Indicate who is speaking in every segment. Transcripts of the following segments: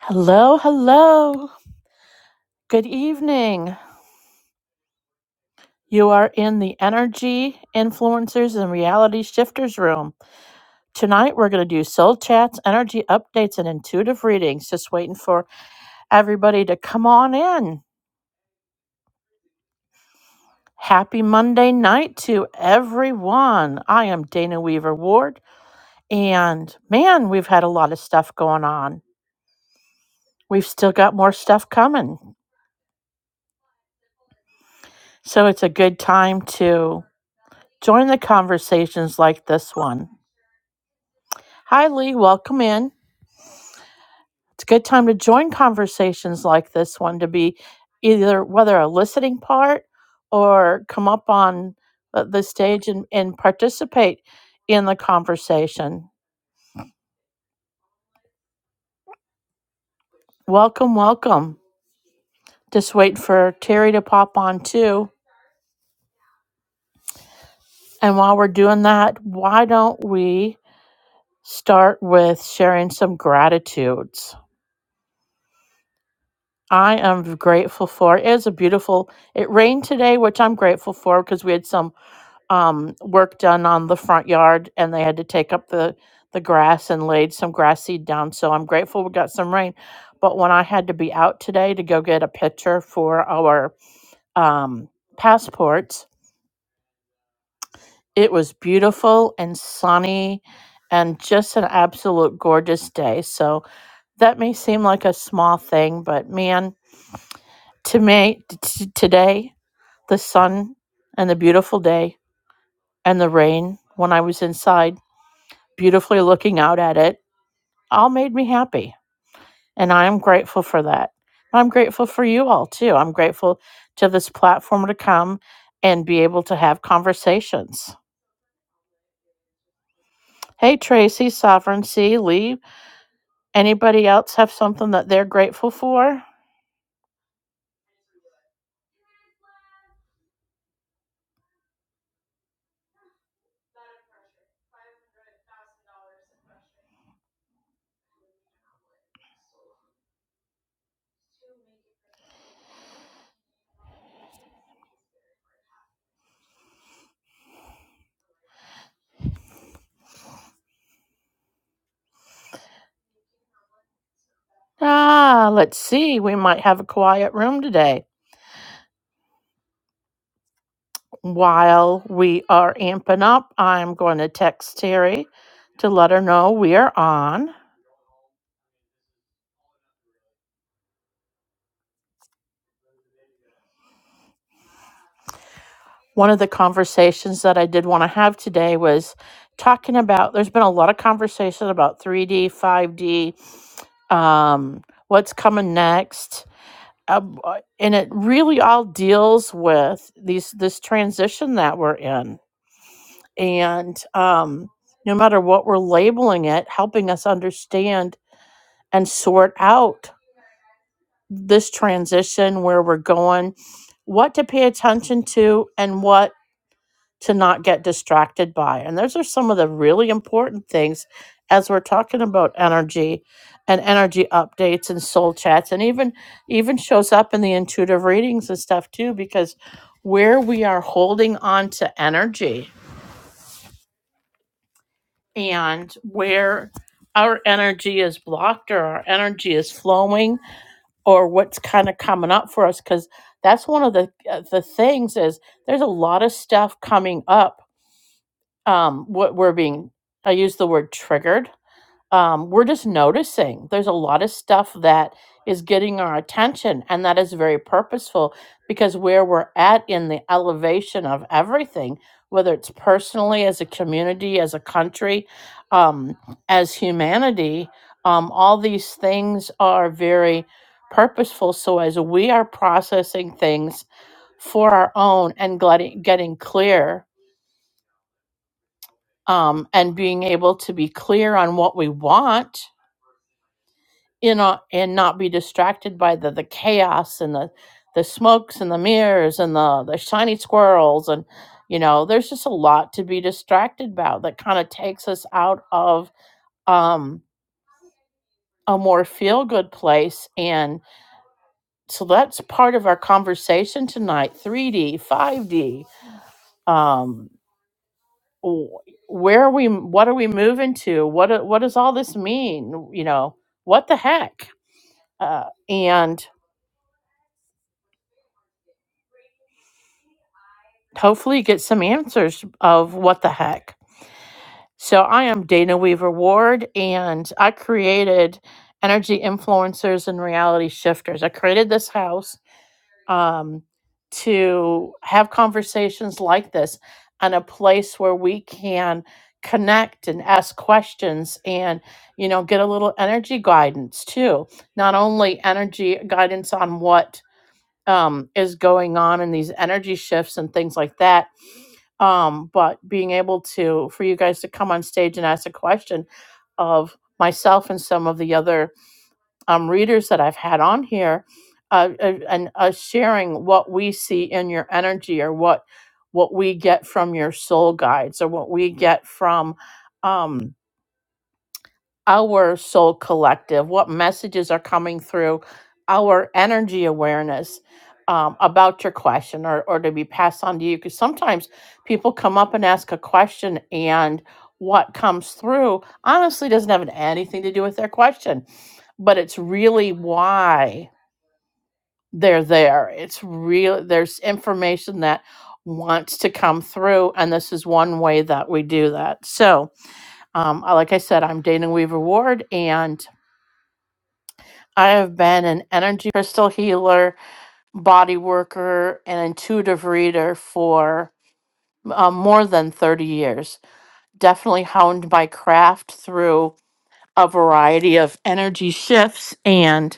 Speaker 1: Hello, hello. Good evening. You are in the Energy Influencers and Reality Shifters room. Tonight we're going to do soul chats, energy updates, and intuitive readings. Just waiting for everybody to come on in. Happy Monday night to everyone. I am Dana Weaver Ward, and man, we've had a lot of stuff going on. We've still got more stuff coming. So it's a good time to join the conversations like this one. Hi, Lee. Welcome in. It's a good time to join conversations like this one to be either whether a listening part or come up on uh, the stage and, and participate in the conversation. Welcome, welcome. Just wait for Terry to pop on too. And while we're doing that, why don't we start with sharing some gratitudes? I am grateful for. It is a beautiful. It rained today, which I'm grateful for because we had some um, work done on the front yard, and they had to take up the the grass and laid some grass seed down. So I'm grateful we got some rain. But when I had to be out today to go get a picture for our um, passports, it was beautiful and sunny and just an absolute gorgeous day. So that may seem like a small thing, but man, to me, t- t- today, the sun and the beautiful day and the rain when I was inside. beautifully looking out at it all made me happy. And I'm grateful for that. I'm grateful for you all too. I'm grateful to this platform to come and be able to have conversations. Hey, Tracy, Sovereignty, Lee, anybody else have something that they're grateful for? Ah, let's see. We might have a quiet room today. While we are amping up, I'm going to text Terry to let her know we are on. one of the conversations that I did want to have today was talking about there's been a lot of conversation about 3D, 5D, um, what's coming next. Um, uh, and it really all deals with these this transition that we're in. And um, no matter what we're labeling it, helping us understand and sort out this transition, where we're going, what to pay attention to, and what to not get distracted by. And those are some of the really important things as we're talking about energy and energy updates and soul chats and even even shows up in the intuitive readings and stuff too because where we are holding on to energy and where our energy is blocked or our energy is flowing or what's kind of coming up for us cuz that's one of the uh, the things is there's a lot of stuff coming up um what we're being i use the word triggered um we're just noticing there's a lot of stuff that is getting our attention and that is very purposeful because where we're at in the elevation of everything whether it's personally as a community as a country um as humanity um all these things are very purposeful so as we are processing things for our own and getting getting clear um, and being able to be clear on what we want you know and not be distracted by the the chaos and the the smokes and the mirrors and the the shiny squirrels and you know there's just a lot to be distracted about that kind of takes us out of um a more feel good place and so that's part of our conversation tonight 3d 5d um w- where are we what are we moving to what do- what does all this mean you know what the heck uh, and hopefully get some answers of what the heck so i am dana weaver ward and i created energy influencers and reality shifters i created this house um, to have conversations like this and a place where we can connect and ask questions and you know get a little energy guidance too not only energy guidance on what um, is going on in these energy shifts and things like that um, but being able to for you guys to come on stage and ask a question of myself and some of the other um, readers that I've had on here uh, uh, and uh, sharing what we see in your energy or what what we get from your soul guides or what we get from um, our soul collective, what messages are coming through our energy awareness um, about your question or, or to be passed on to you. Because sometimes people come up and ask a question, and what comes through honestly doesn't have anything to do with their question, but it's really why they're there. It's real, there's information that wants to come through and this is one way that we do that so um, I- like i said i'm dana weaver ward and I have been an energy crystal healer, body worker, and intuitive reader for uh, more than 30 years. Definitely honed my craft through a variety of energy shifts. And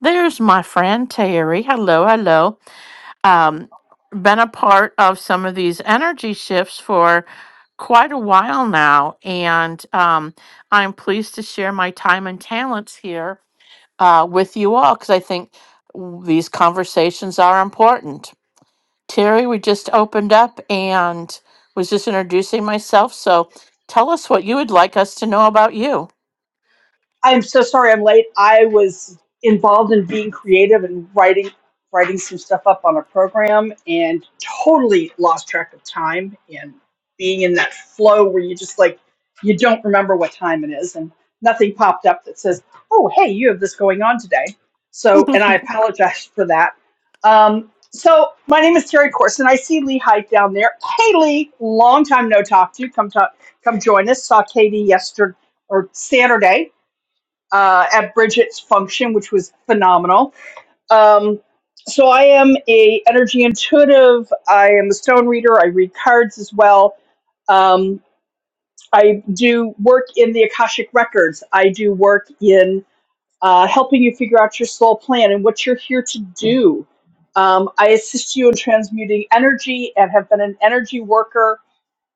Speaker 1: there's my friend Terry. Hello, hello. Um, been a part of some of these energy shifts for quite a while now. And um, I'm pleased to share my time and talents here uh, with you all because I think w- these conversations are important. Terry, we just opened up and was just introducing myself. So tell us what you would like us to know about you.
Speaker 2: I'm so sorry I'm late. I was involved in being creative and writing writing some stuff up on a program and totally lost track of time and being in that flow where you just like you don't remember what time it is and nothing popped up that says, "Oh, hey, you have this going on today." So, and I apologize for that. Um, so, my name is Terry Corson. I see Lee Height down there. Hey, Lee, long time no talk to you. Come talk, come join us. Saw Katie yesterday or Saturday uh, at Bridget's function, which was phenomenal. Um, so I am a energy intuitive. I am a stone reader. I read cards as well. Um, I do work in the Akashic records. I do work in uh, helping you figure out your soul plan and what you're here to do. Um, I assist you in transmuting energy and have been an energy worker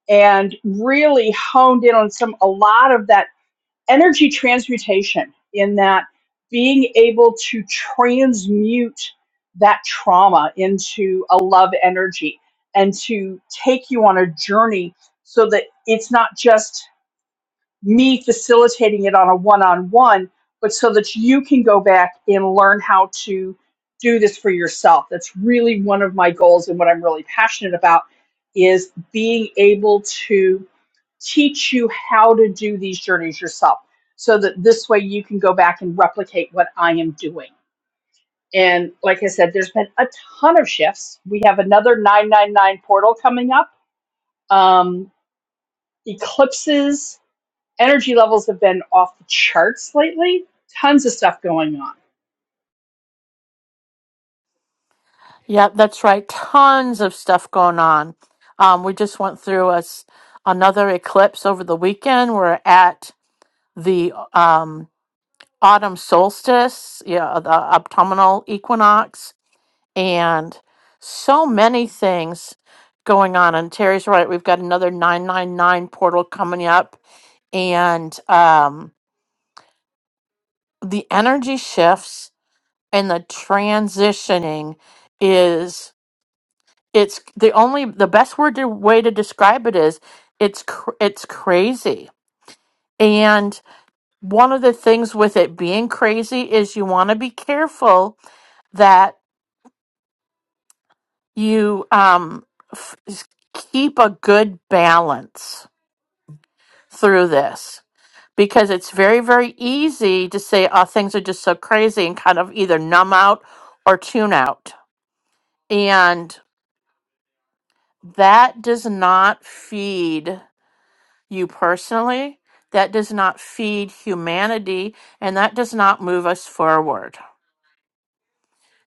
Speaker 2: and really honed in on some a lot of that energy transmutation in that being able to transmute that trauma into a love energy and to take you on a journey so that it's not just me facilitating it on a one on one, but so that you can go back and learn how to do this for yourself. That's really one of my goals and what I'm really passionate about is being able to teach you how to do these journeys yourself so that this way you can go back and replicate what I am doing. And like I said, there's been a ton of shifts. We have another 999 portal coming up. Um, eclipses, energy levels have been off the charts lately. Tons of stuff going on.
Speaker 1: Yeah, that's right. Tons of stuff going on. Um, we just went through us another eclipse over the weekend. We're at the um, autumn solstice, yeah, the autumnal equinox. and so many things going on. And Terry's right. We've got another 999 portal coming up, and um, the energy shifts and the transitioning is it's the only the best word to, way to describe it is it's cr- it's crazy. And one of the things with it being crazy is you want to be careful that you um, f- keep a good balance through this because it's very, very easy to say, oh, things are just so crazy and kind of either numb out or tune out. And that does not feed you personally. That does not feed humanity. And that does not move us forward.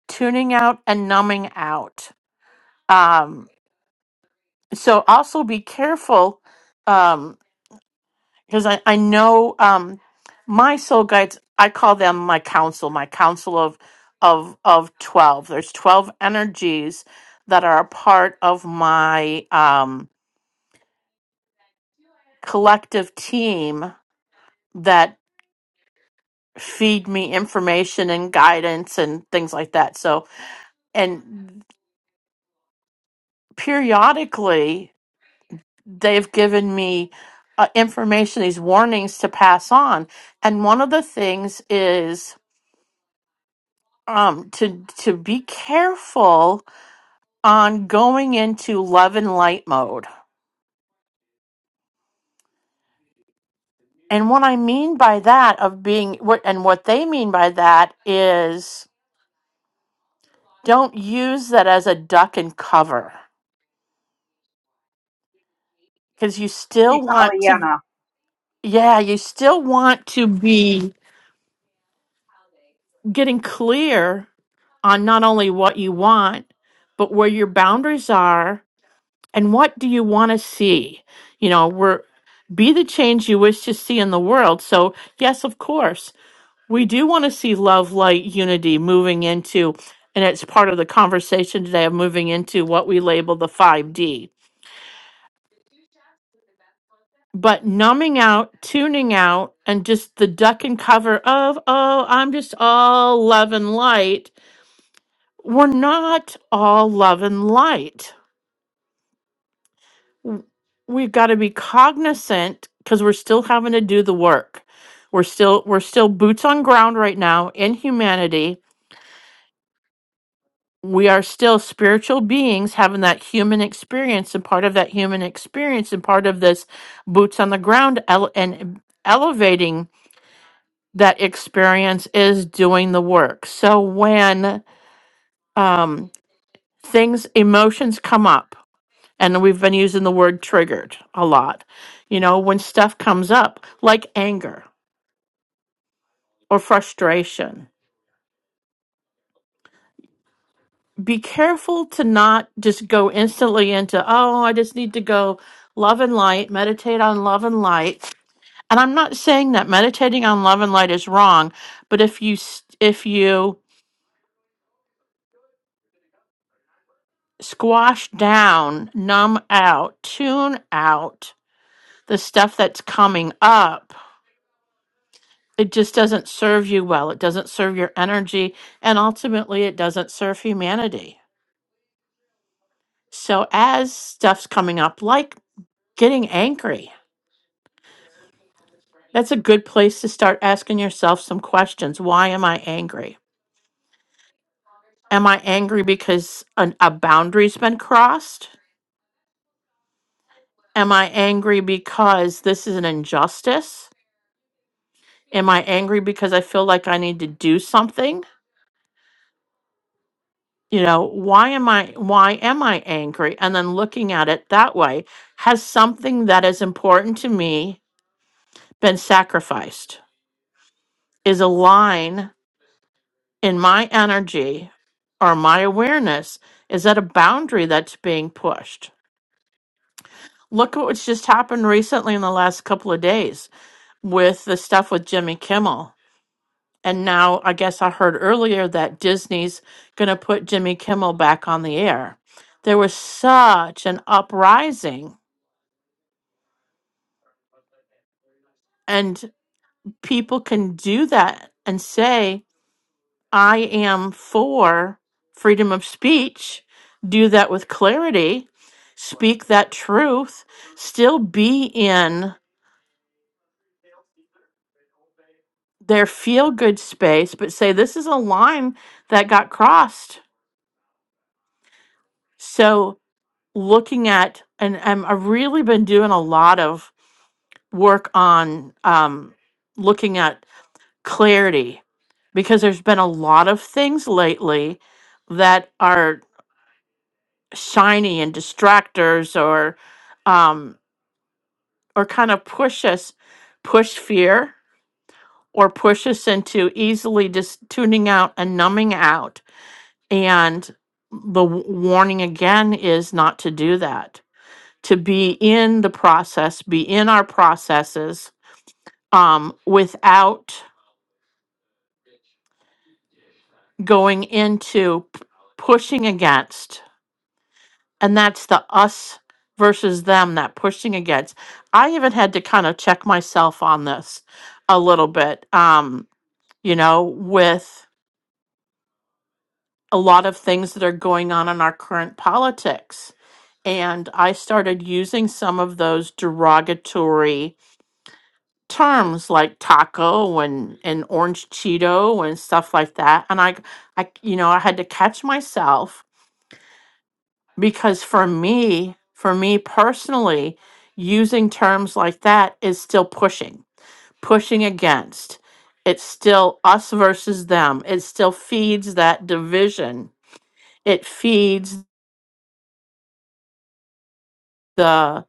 Speaker 1: Tuning out and numbing out. Um, so also be careful. Um, because I, I know um, my soul guides i call them my council my council of of of 12 there's 12 energies that are a part of my um, collective team that feed me information and guidance and things like that so and periodically they've given me uh, information these warnings to pass on and one of the things is um to to be careful on going into love and light mode. And what I mean by that of being what and what they mean by that is don't use that as a duck and cover because you
Speaker 2: Don't
Speaker 1: still
Speaker 2: be
Speaker 1: want to
Speaker 2: Pollyanna.
Speaker 1: yeah, you still want to be getting clear on not only what you want, but where your boundaries are and what do you want to see you know we're be the change you wish to see in the world so yes of course we do want to see love light unity moving into and it's part of the conversation today of moving into what we label the 5d but numbing out tuning out and just the duck and cover of oh i'm just all love and light we're not all love and light w- we've got to be cognizant because we're still having to do the work. We're still we're still boots on ground right now in humanity. We are still spiritual beings having that human experience, and part of that human experience, and part of this boots on the ground ele- and elevating that experience is doing the work. So when um, things, emotions come up, And we've been using the word triggered a lot. You know, when stuff comes up, like anger or frustration, be careful to not just go instantly into, oh, I just need to go love and light, meditate on love and light. And I'm not saying that meditating on love and light is wrong, but if you, s- if you squash down, numb out, tune out the stuff that's coming up, it just doesn't serve you well. It doesn't serve your energy. And ultimately, it doesn't serve humanity. So, as stuff's coming up, like getting angry, that's a good place to start asking yourself some questions. Why am I angry? Am I angry because an, a boundary's been crossed? Am I angry because this is an injustice? Am I angry because I feel like I need to do something? you know why am i why am i angry and then looking at it that way has something that is important to me been sacrificed is a line in my energy or my awareness is that a boundary that's being pushed look at what's just happened recently in the last couple of days with the stuff with jimmy kimmel and now i guess i heard earlier that disney's going to put jimmy kimmel back on the air there was such an uprising And people can do that and say, I am for freedom of speech, do that with clarity, speak that truth, still be in their feel good space, but say, this is a line that got crossed. So, looking at, and, and I've really been doing a lot of work on um, looking at clarity because there's been a lot of things lately that are shiny and distractors or um or kind of push us push fear or push us into easily just tuning out and numbing out and the w- warning again is not to do that to be in the process be in our processes um without going into p- pushing against and that's the us versus them that pushing against i even had to kind of check myself on this a little bit um you know with a lot of things that are going on in our current politics and i started using some of those derogatory terms like taco and and orange cheeto and stuff like that and i i you know i had to catch myself because for me, for me personally, using terms like that is still pushing, pushing against. It's still us versus them. It still feeds that division. It feeds the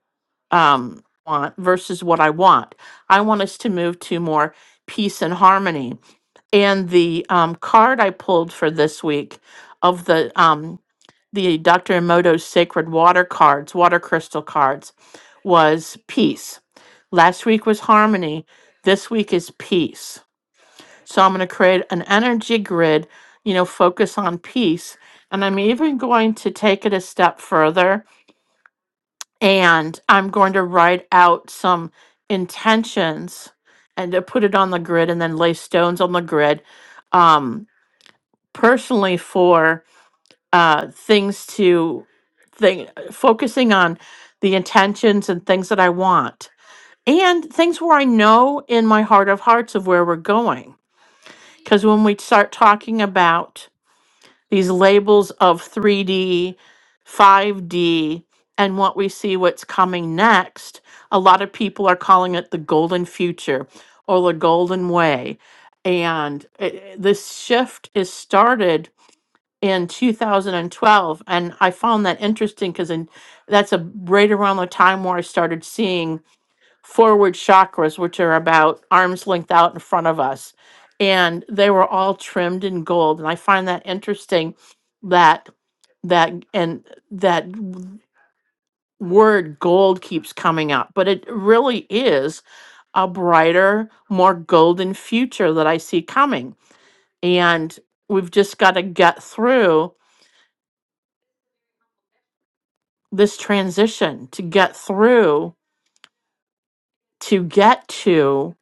Speaker 1: um, want versus what I want. I want us to move to more peace and harmony. And the um, card I pulled for this week of the um. the Dr. Emoto's sacred water cards, water crystal cards, was peace. Last week was harmony. This week is peace. So I'm going to create an energy grid, you know, focus on peace. And I'm even going to take it a step further and I'm going to write out some intentions and to put it on the grid and then lay stones on the grid um, personally for uh, things to think focusing on the intentions and things that I want and things where I know in my heart of hearts of where we're going. Because when we start talking about these labels of 3D, 5D, and what we see what's coming next, a lot of people are calling it the golden future or the golden way. And it, this shift is started in 2012 and twelve, and i found that interesting because that's a right around the time where i started seeing forward chakras which are about arms length out in front of us and they were all trimmed in gold and i find that interesting that that and that w- word gold keeps coming up but it really is a brighter more golden future that i see coming and we've just got to get through this transition to get through to get to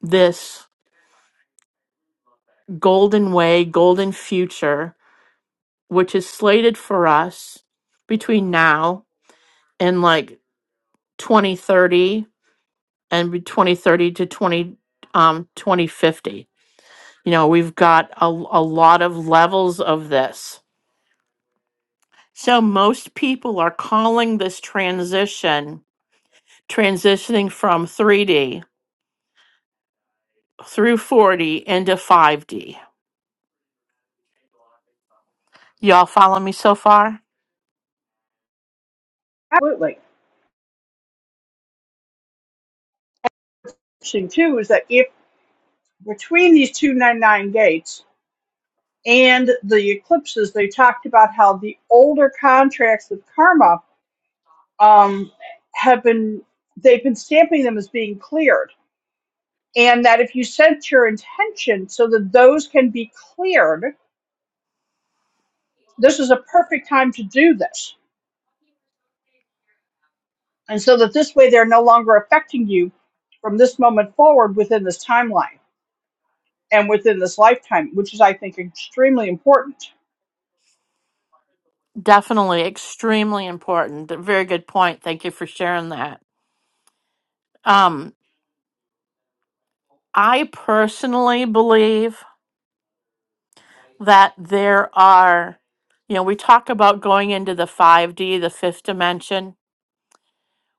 Speaker 1: this golden way, golden future, which is slated for us between now and like 2030 and be- 2030 to 20 um 2050. You know, we've got a, a lot of levels of this. So most people are calling this transition transitioning from 3D through 4D into 5D Y'all follow me so far?
Speaker 2: Absolutely. Interesting too is that if between these 299 gates and the eclipses, they talked about how the older contracts with karma um, have been they've been stamping them as being cleared and that if you set your intention so that those can be cleared this is a perfect time to do this and so that this way they're no longer affecting you from this moment forward within this timeline and within this lifetime which is i think extremely important
Speaker 1: Definitely extremely important. but Very good point. Thank you for sharing that. Um, I personally believe that there are, you know, we talk about going into the 5D, the fifth dimension.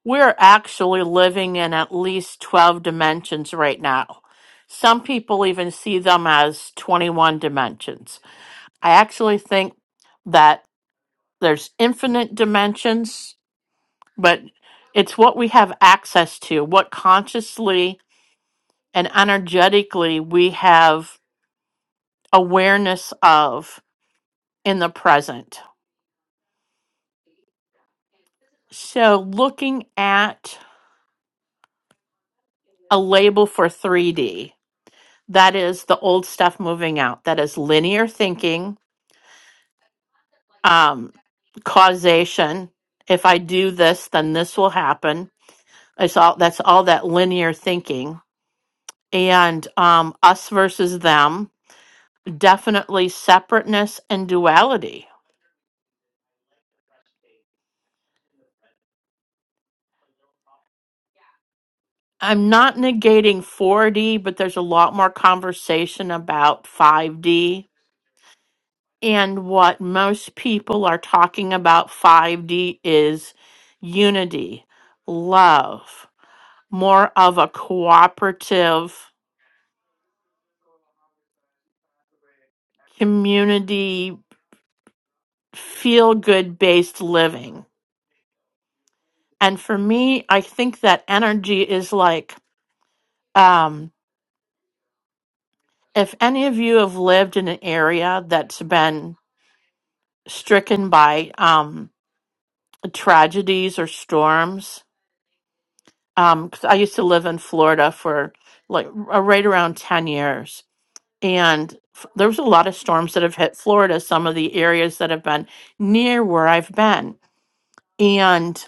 Speaker 1: We're actually living in at least 12 dimensions right now. Some people even see them as 21 dimensions. I actually think that there's infinite dimensions but it's what we have access to, what consciously and energetically we have awareness of in the present. So, looking at a label for 3D, that is the old stuff moving out, that is linear thinking, um, causation. If I do this, then this will happen. It's all that's all that linear thinking and um, us versus them definitely separateness and duality. I'm not negating 4D, but there's a lot more conversation about 5D. And what most people are talking about 5D is unity, love, more of a cooperative community, feel good based living. And for me, I think that energy is like, um, if any of you have lived in an area that's been stricken by um, tragedies or storms, um, 'cause I used to live in Florida for like r- right around 10 years. And f- there was a lot of storms that have hit Florida, some of the areas that have been near where I've been. And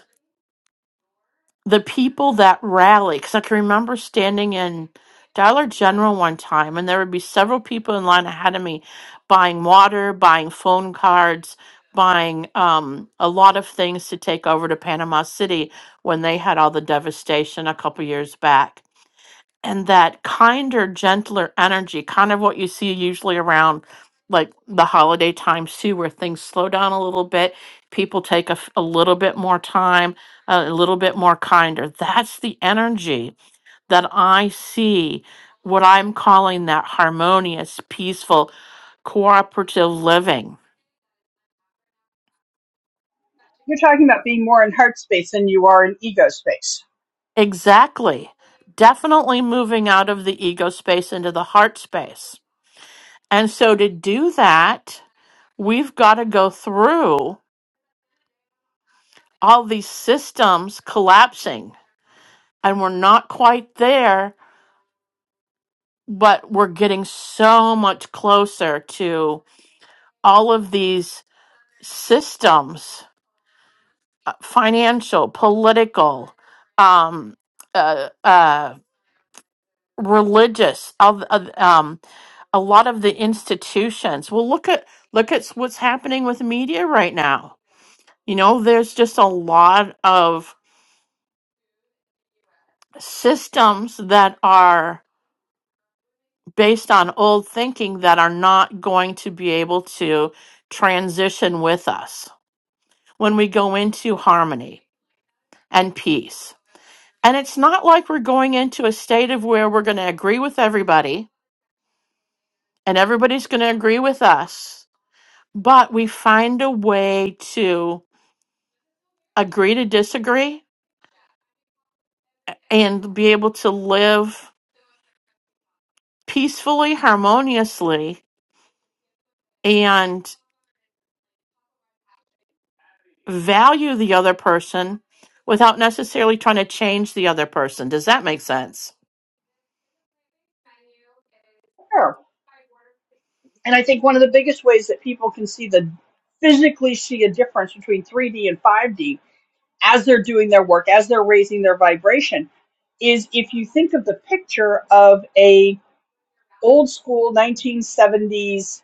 Speaker 1: the people that rally because i can remember standing in dollar general one time and there would be several people in line ahead of me buying water buying phone cards buying um, a lot of things to take over to panama city when they had all the devastation a couple years back and that kinder, gentler energy, kind of what you see usually around like the holiday times too, where things slow down a little bit, people take a, f- a little bit more time, uh, a little bit more kinder. That's the energy that I see, what I'm calling that harmonious, peaceful, cooperative living.
Speaker 2: you're talking about being more in heart space than you are in ego space
Speaker 1: Exactly. Definitely moving out of the ego space into the heart space. And so to do that, we've got to go through. all these systems collapsing and we're not quite there but we're getting so much closer to all of these systems uh, financial political um uh, uh religious of of, um a lot of the institutions well look at look at what's happening with media right now you know there's just a lot of systems that are based on old thinking that are not going to be able to transition with us when we go into harmony and peace. And it's not like we're going into a state of where we're going to agree with everybody and everybody's going to agree with us, but we find a way to agree to disagree and be able to live peacefully, harmoniously, and. value the other person without necessarily trying to change the other person. Does that make sense?
Speaker 2: sure and i think one of the biggest ways that people can see the physically see a difference between 3d and 5d as they're doing their work, as they're raising their vibration, is if you think of the picture of a old school 1970s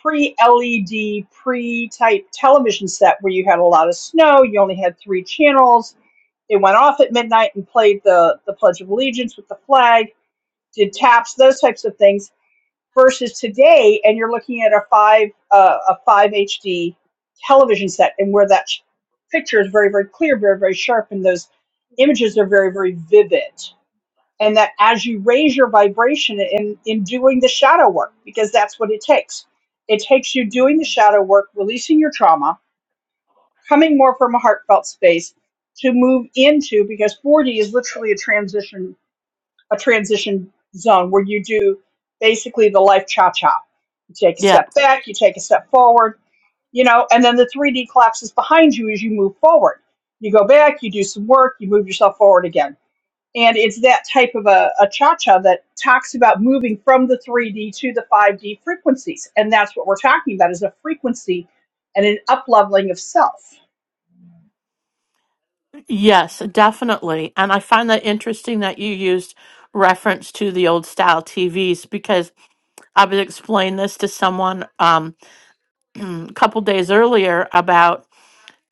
Speaker 2: pre-LED, pre-type television set where you had a lot of snow, you only had three channels. They went off at midnight and played the the Pledge of Allegiance with the flag, did taps, those types of things versus today and you're looking at a five uh, a five HD television set and where that picture is very very clear very very sharp and those images are very very vivid and that as you raise your vibration in in doing the shadow work because that's what it takes it takes you doing the shadow work releasing your trauma coming more from a heartfelt space to move into because 4D is literally a transition a transition zone where you do basically the life cha cha. You take a
Speaker 1: Yeah.
Speaker 2: step back, you take a step forward, you know, and then the 3D collapses behind you as you move forward. You go back, you do some work, you move yourself forward again. And it's that type of a, a cha cha that talks about moving from the 3D to the 5D frequencies. And that's what we're talking about is a frequency and an up leveling of self.
Speaker 1: Yes, definitely. And I find that interesting that you used reference to the old style TVs because I was explaining this to someone um, a couple days earlier about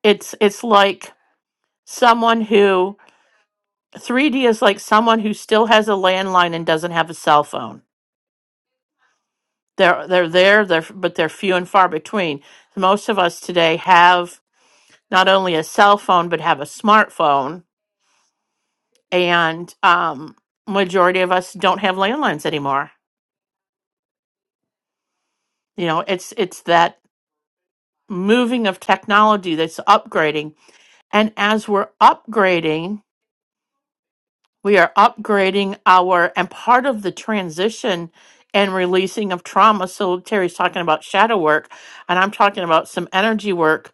Speaker 1: it's it's like someone who 3D is like someone who still has a landline and doesn't have a cell phone. They're they're there, they're but they're few and far between. Most of us today have not only a cell phone but have a smartphone and um majority of us don't have landlines anymore you know it's it's that moving of technology that's upgrading and as we're upgrading we are upgrading our and part of the transition and releasing of trauma so terry's talking about shadow work and i'm talking about some energy work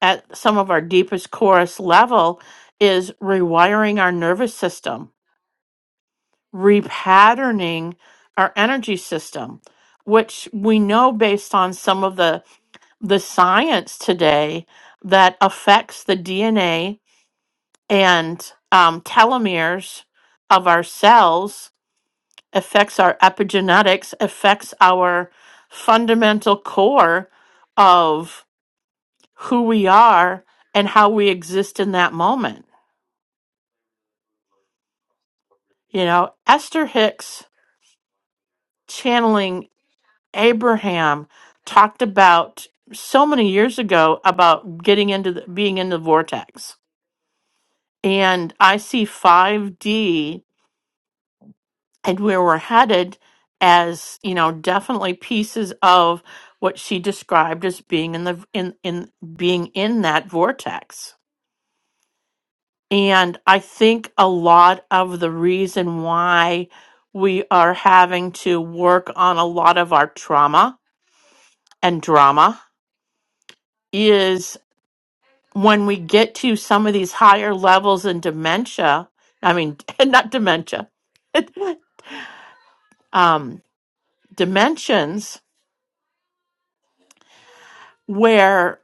Speaker 1: at some of our deepest chorus level is rewiring our nervous system repatterning our energy system which we know based on some of the the science today that affects the dna and um, telomeres of our cells affects our epigenetics affects our fundamental core of who we are and how we exist in that moment you know esther hicks channeling Abraham talked about so many years ago about getting into the, being in the vortex. And I see 5D and where we're headed as, you know, definitely pieces of what she described as being in the in in being in that vortex. And I think a lot of the reason why we are having to work on a lot of our trauma and drama when we get to some of these higher levels in dementia, I mean, not dementia, um, dimensions where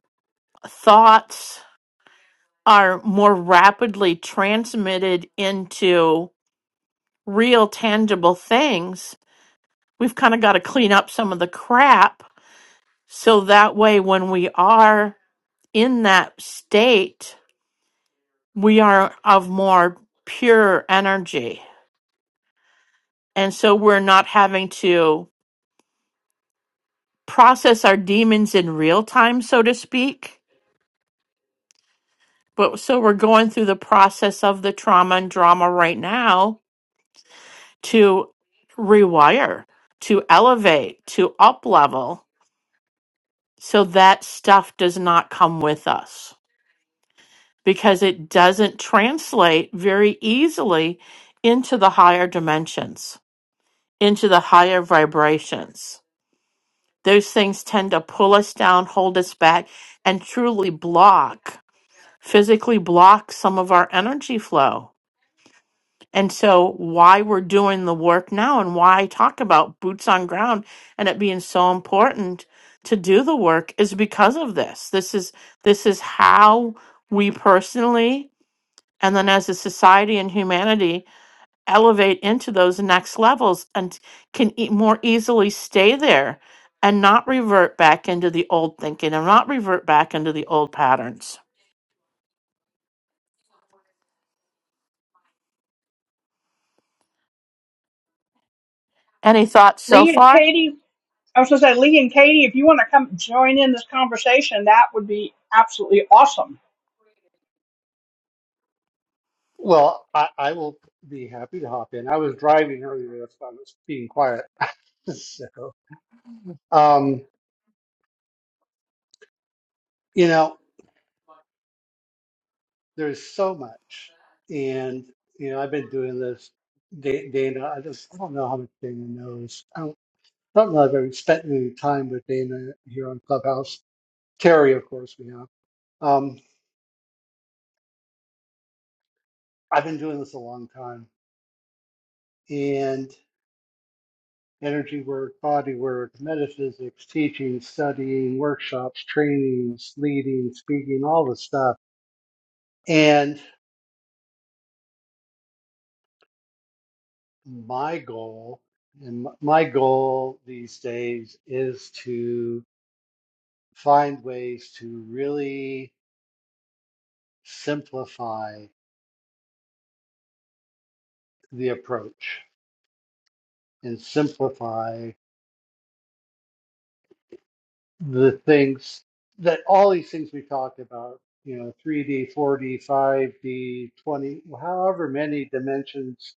Speaker 1: thoughts are more rapidly transmitted into real tangible things, we've kind of got to clean up some of the crap. So that way, when we are in that state, we are of more pure energy. And so we're not having to process our demons in real time, so to speak. But so we're going through the process of the trauma and drama right now to rewire, to elevate, to up level so that stuff does not come with us because it doesn't translate very easily into the higher dimensions, into the higher vibrations. Those things tend to pull us down, hold us back, and truly block physically block some of our energy flow. And so, why we're doing the work now and why I talk about boots on ground and it being so important to do the work is because of this. This is this is how we personally and then as a society and humanity elevate into those next levels and can e- more easily stay there and not revert back into the old thinking and not revert back into the old patterns. Any thoughts so
Speaker 2: Lee and
Speaker 1: far?
Speaker 2: Katie, I was going to say, Lee and Katie, if you want to come join in this conversation, that would be absolutely awesome.
Speaker 3: Well, I, I will be happy to hop in. I was driving earlier, that's why I was being quiet. So, um, you know, there's so much, and you know, I've been doing this. Da- Dana, I just I don't know how much Dana knows. I don't, I don't know if I've spent any time with Dana here on Clubhouse. Terry, of course, we have. Um, I've been doing this a long time, energy work, body work, metaphysics, teaching, studying, workshops, trainings, leading, speaking, all the stuff. And my goal, and m- my goal these days is to find ways to really simplify the approach and simplify the things that all these things we talked about, you know, 3D, 4D, 5D, 20, however many dimensions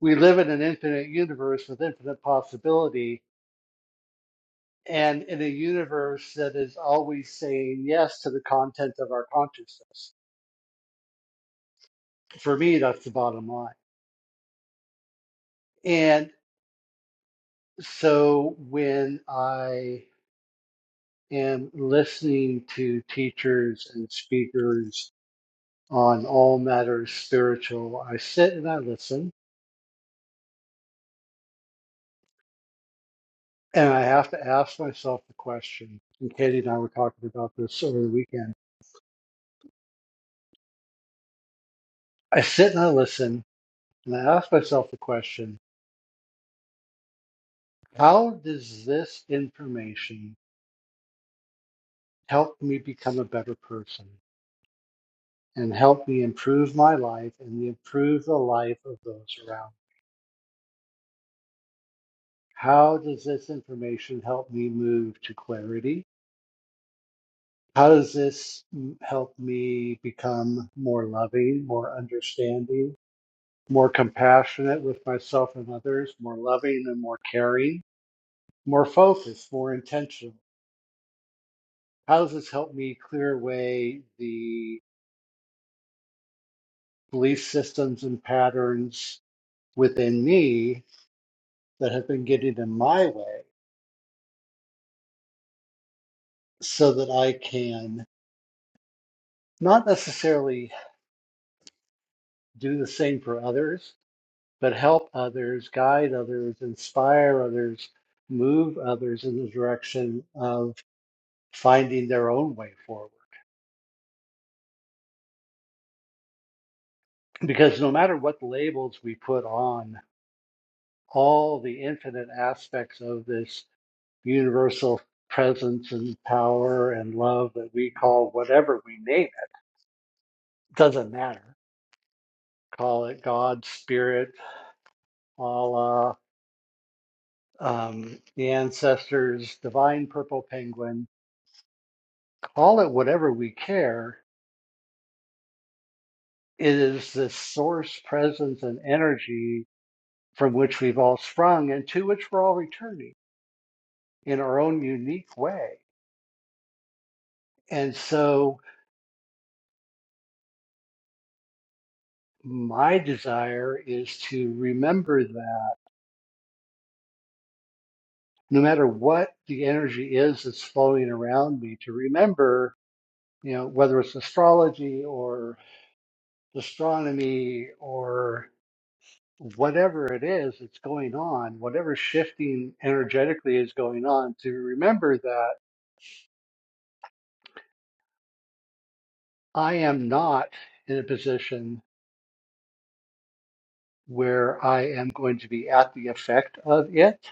Speaker 3: we live in an infinite universe with infinite possibility and in a universe that is always saying yes to the content of our consciousness. For me, that's the bottom line. And so when I am listening to teachers and speakers on all matters spiritual, I sit and I listen and I have to ask myself the question. And Katie and I were talking about this over the weekend. I sit and I listen and I ask myself the question How does this information help me become a better person and help me improve my life and improve the life of those around? me? How does this information help me move to clarity? How does this mm, help me become more loving, more understanding, more compassionate with myself and others, more loving and more caring, more focused, more intentional? How does this help me clear away the belief systems and patterns within me that have been getting in my way so that I can not necessarily do the same for others, but help others, guide others, inspire others, move others in the direction of finding their own way forward. Because no matter what labels we put on all the infinite aspects of this universal presence and power and love that we call whatever we name doesn't matter. Call it God, Spirit, Allah, um, the ancestors, divine purple penguin. Call it whatever we care. It is this source, presence, and energy from which we've all sprung and to which we're all returning in our own unique way. And so, my desire is to remember that no matter what the energy is that's flowing around me, to remember you know, whether it's astrology or astronomy or whatever it is that's going on, whatever shifting energetically is going on, to remember that I am not in a position where I am going to be at the effect of it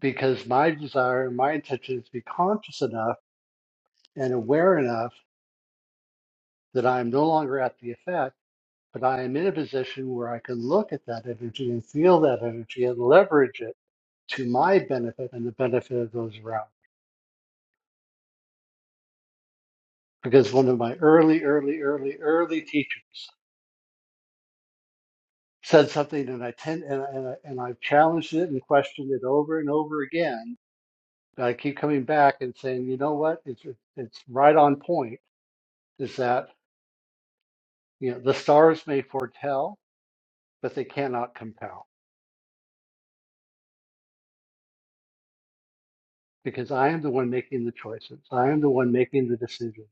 Speaker 3: because my desire my intention is to be conscious enough and aware enough that I am no longer at the effect, but I am in a position where I can look at that energy and feel that energy and leverage it to my benefit and the benefit of those around. me. because one of my early, early, early, early teachers said something, and I tend and I, and I, and I've challenged it and questioned it over and over again. But I keep coming back and saying, you know what? It's it's right on point. Is that you know the stars may foretell, but they cannot compel because I am the one making the choices. I am the one making the decisions.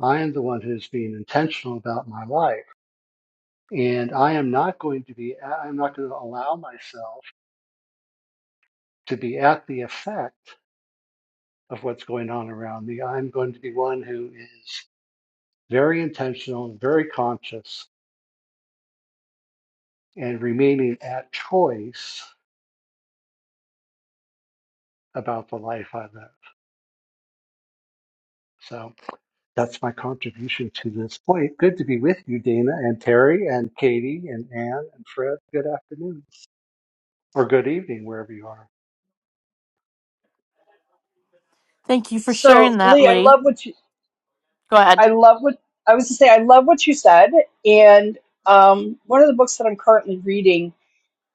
Speaker 3: I am the one who's being intentional about my life, and I am not going to be. I'm not going to allow myself to be at the effect of what's going on around me. I'm going to be one who is very intentional and very conscious and remaining at choice about the life I live. So that's my contribution to this point. Good to be with you, Dana and Terry and Katie and Anne and Fred. Good afternoon or good evening, wherever you are.
Speaker 1: Thank you for
Speaker 2: So,
Speaker 1: sharing that,
Speaker 2: Lee, I
Speaker 1: Lee.
Speaker 2: love what you,
Speaker 1: Go ahead.
Speaker 2: I love what I was to say. I love what you said. And um, one of the books that I'm currently reading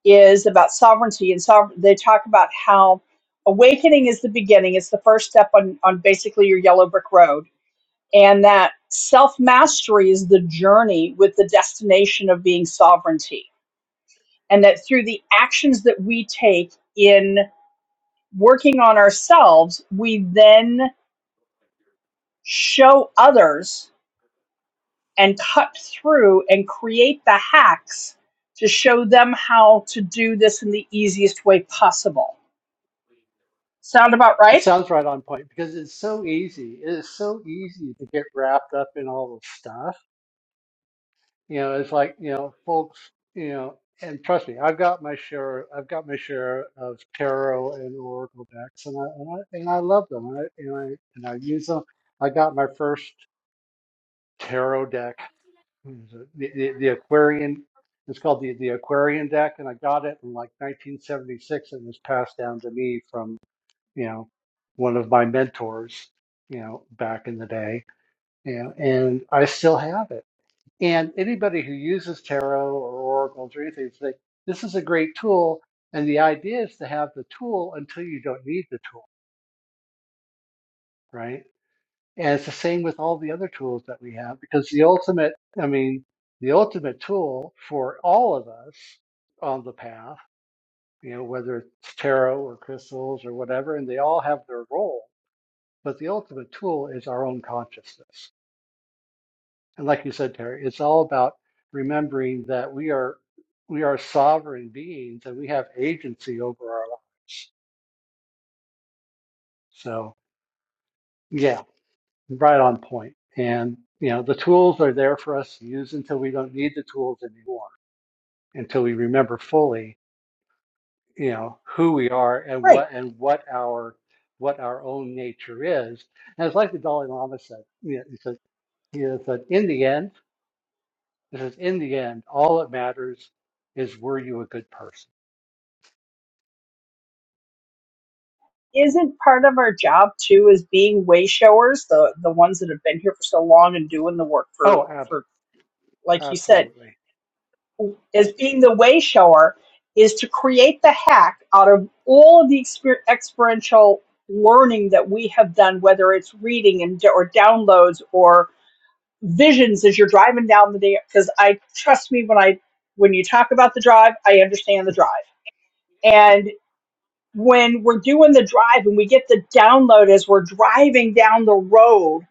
Speaker 2: is about sovereignty, and sover- they talk about how awakening is the beginning. It's the first step on on basically your yellow brick road, and that self mastery is the journey with the destination of being sovereignty, and that through the actions that we take in working on ourselves, we then show others and cut through and create the hacks to show them how to do this in the easiest way possible. Sound about
Speaker 3: It
Speaker 2: right?
Speaker 3: sounds right on point because it's so easy. It is so easy to get wrapped up in all the stuff You know, it's like, you know, folks, you know, and trust me, I've got my share, I've got my share of tarot and oracle decks, and I and I, and I love them, and I and I, and I use them. I got my first tarot deck, the, the, the Aquarian. It's called the the Aquarian deck, and I got it in like 1976, and it was passed down to me from you know one of my mentors, you know, back in the day, you know, and I still have it and anybody who uses tarot or oracles or anything say, this is a great tool. And the idea is to have the tool until you don't need the tool, right? And it's the same with all the other tools that we have because the ultimate, I mean, the ultimate tool for all of us on the path, you know, whether it's tarot or crystals or whatever, and they all have their role, but the ultimate tool is our own consciousness And like you said, Terry, it's all about remembering that we are we are sovereign beings and we have agency over our lives. So yeah, right on point. And you know, the tools are there for us to use until we don't need the tools anymore, until we remember fully, you know, who we are and
Speaker 2: Right.
Speaker 3: what and what our what our own nature is. And it's like the Dalai Lama said, you know, he said, he said, in the end, this is in the end, all that matters is were you a good person?
Speaker 2: Isn't part of our job too is being way showers, the the ones that have been here for so long and doing the work for
Speaker 3: Oh, ab
Speaker 2: for like you said,
Speaker 3: absolutely.
Speaker 2: as being the way shower is to create the hack out of all of the exper- experiential learning that we have done, whether it's reading and or downloads or visions as you're driving down the day. Because I trust me when I when you talk about the drive, I understand the drive. And when we're doing the drive and we get the download as we're driving down the road,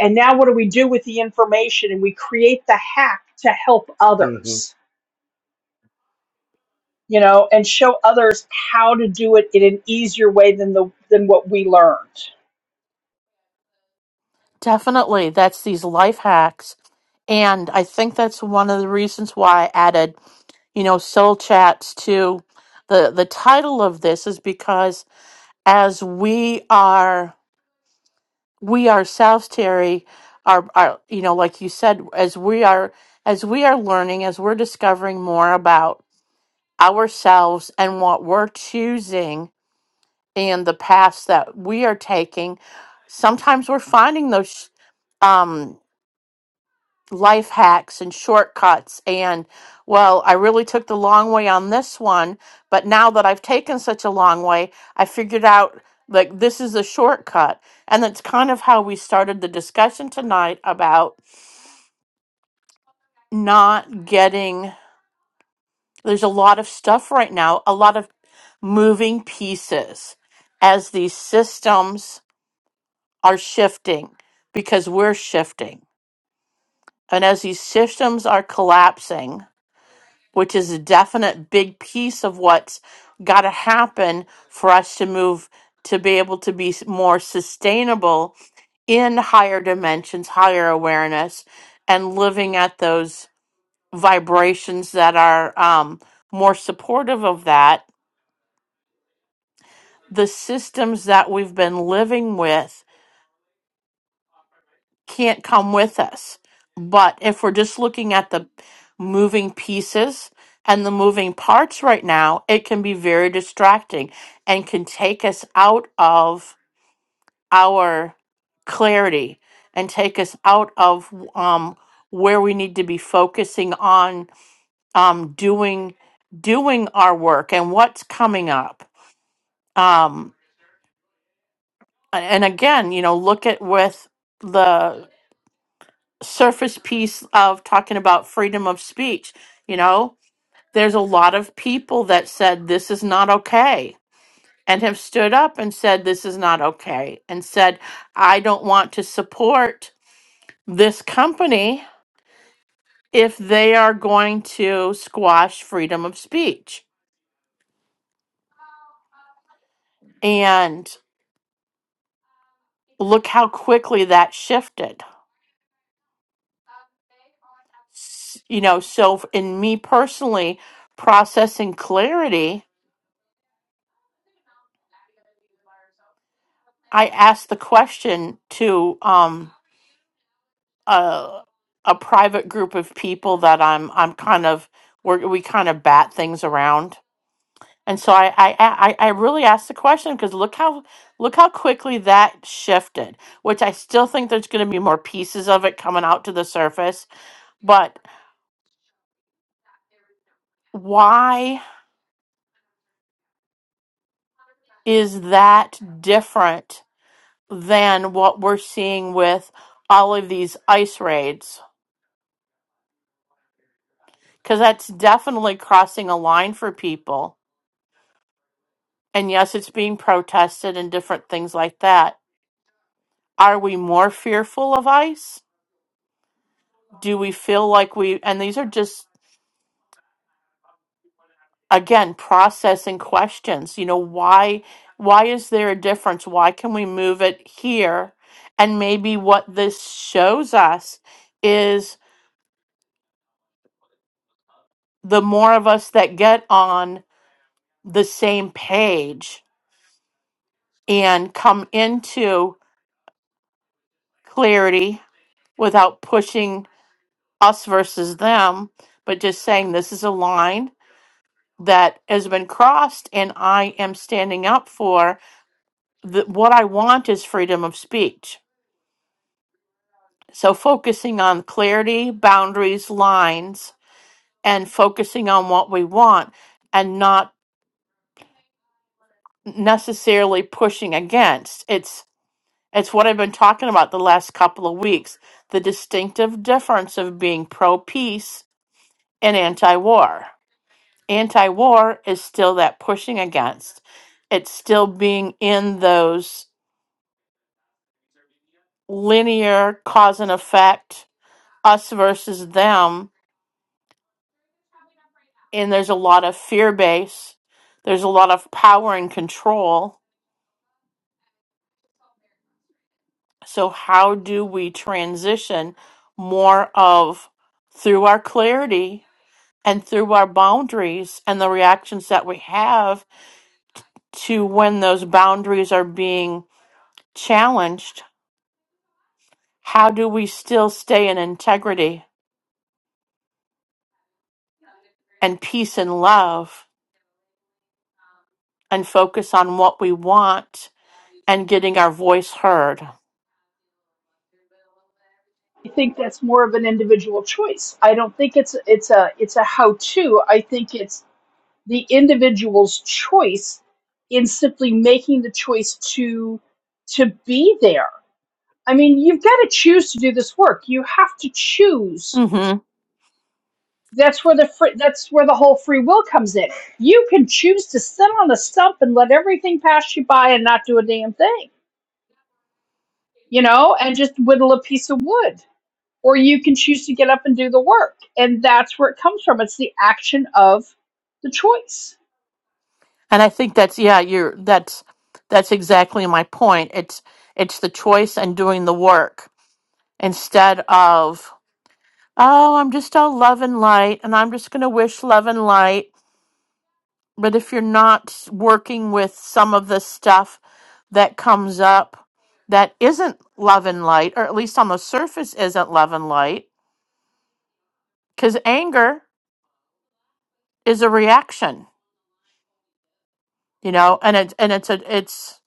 Speaker 2: and now what do we do with the information? And we create the hack to help
Speaker 3: Mhm.
Speaker 2: others you know, and show others how to do it in an easier way than the than what we learned.
Speaker 1: Definitely. That's these life hacks. And I think that's one of the reasons why I added, you know, soul chats to the the title of this is because as we are we ourselves, Terry, are are you know, like you said, as we are as we are learning, as we're discovering more about ourselves and what we're choosing and the paths that we are taking, sometimes we're finding those um, life hacks and shortcuts. And, well, I really took the long way on this one, but now that I've taken such a long way, I figured out like this is a shortcut. And that's kind of how we started the discussion tonight about not getting, there's a lot of stuff right now, a lot of moving pieces as these systems are shifting because we're shifting. And as these systems are collapsing, which is a definite big piece of what's got to happen for us to move to be able to be s- more sustainable in higher dimensions, higher awareness, and living at those vibrations that are um, more supportive of that. The systems that we've been living with can't come with us. But if we're just looking at the moving pieces and the moving parts right now, it can be very distracting and can take us out of our clarity and take us out of um, where we need to be focusing on um, doing doing our work and what's coming up. Um, a- and again, you know, look at with the surface piece of talking about freedom of speech. You know, there's a lot of people that said this is not okay and have stood up and said this is not okay and said, I don't want to support this company if they are going to squash freedom of speech. And look how quickly that shifted. S- You know, so f- in me personally, processing clarity, I asked the question to, um, a a private group of people that I'm I'm kind of we're, we kind of bat things around, and so I I I, I I really asked the question because look how look how quickly that shifted. Which I still think there's going to be more pieces of it coming out to the surface, but why is that different than what we're seeing with all of these ice raids? Because that's definitely crossing a line for people and yes, it's being protested and different things like that. Are we more fearful of ICE? Do we feel like we, and these are just, again, processing questions. You know, why, why is there a difference? Why can we move it here? And maybe what this shows us is the more of us that get on the same page and come into clarity without pushing us versus them, but just saying this is a line that has been crossed and I am standing up for the, what I want is freedom of speech. So focusing on clarity, boundaries, lines, and focusing on what we want and not necessarily pushing against. It's it's what I've been talking about the last couple of weeks, the distinctive difference of being pro peace and anti war. anti war is still that pushing against, it's still being in those linear cause and effect, us versus them. And there's a lot of fear base, there's a lot of power and control. So, how do we transition more of through our clarity and through our boundaries and the reactions that we have to when those boundaries are being challenged? How do we still stay in integrity and peace and love and focus on what we want and getting our voice heard?
Speaker 2: I think that's more of an individual choice. I don't think it's it's a it's a how to. I think it's the individual's choice in simply making the choice to to be there. I mean, you've got to choose to do this work. You have to choose.
Speaker 1: hmm And
Speaker 2: That's where the fr- that's where the whole free will comes in. You can choose to sit on a stump and let everything pass you by and not do a damn thing, you know, and just whittle a piece of wood. Or you can choose to get up and do the work, and that's where it comes from. It's the action of the choice,
Speaker 1: I think that's yeah, you're that's that's exactly my point. It's it's the choice and doing the work instead of oh, I'm just all love and light, and I'm just going to wish love and light But if you're not working with some of the stuff that comes up that isn't love and light, or at least on the surface isn't love and light, because anger is a reaction, you know, and it's and it's a it's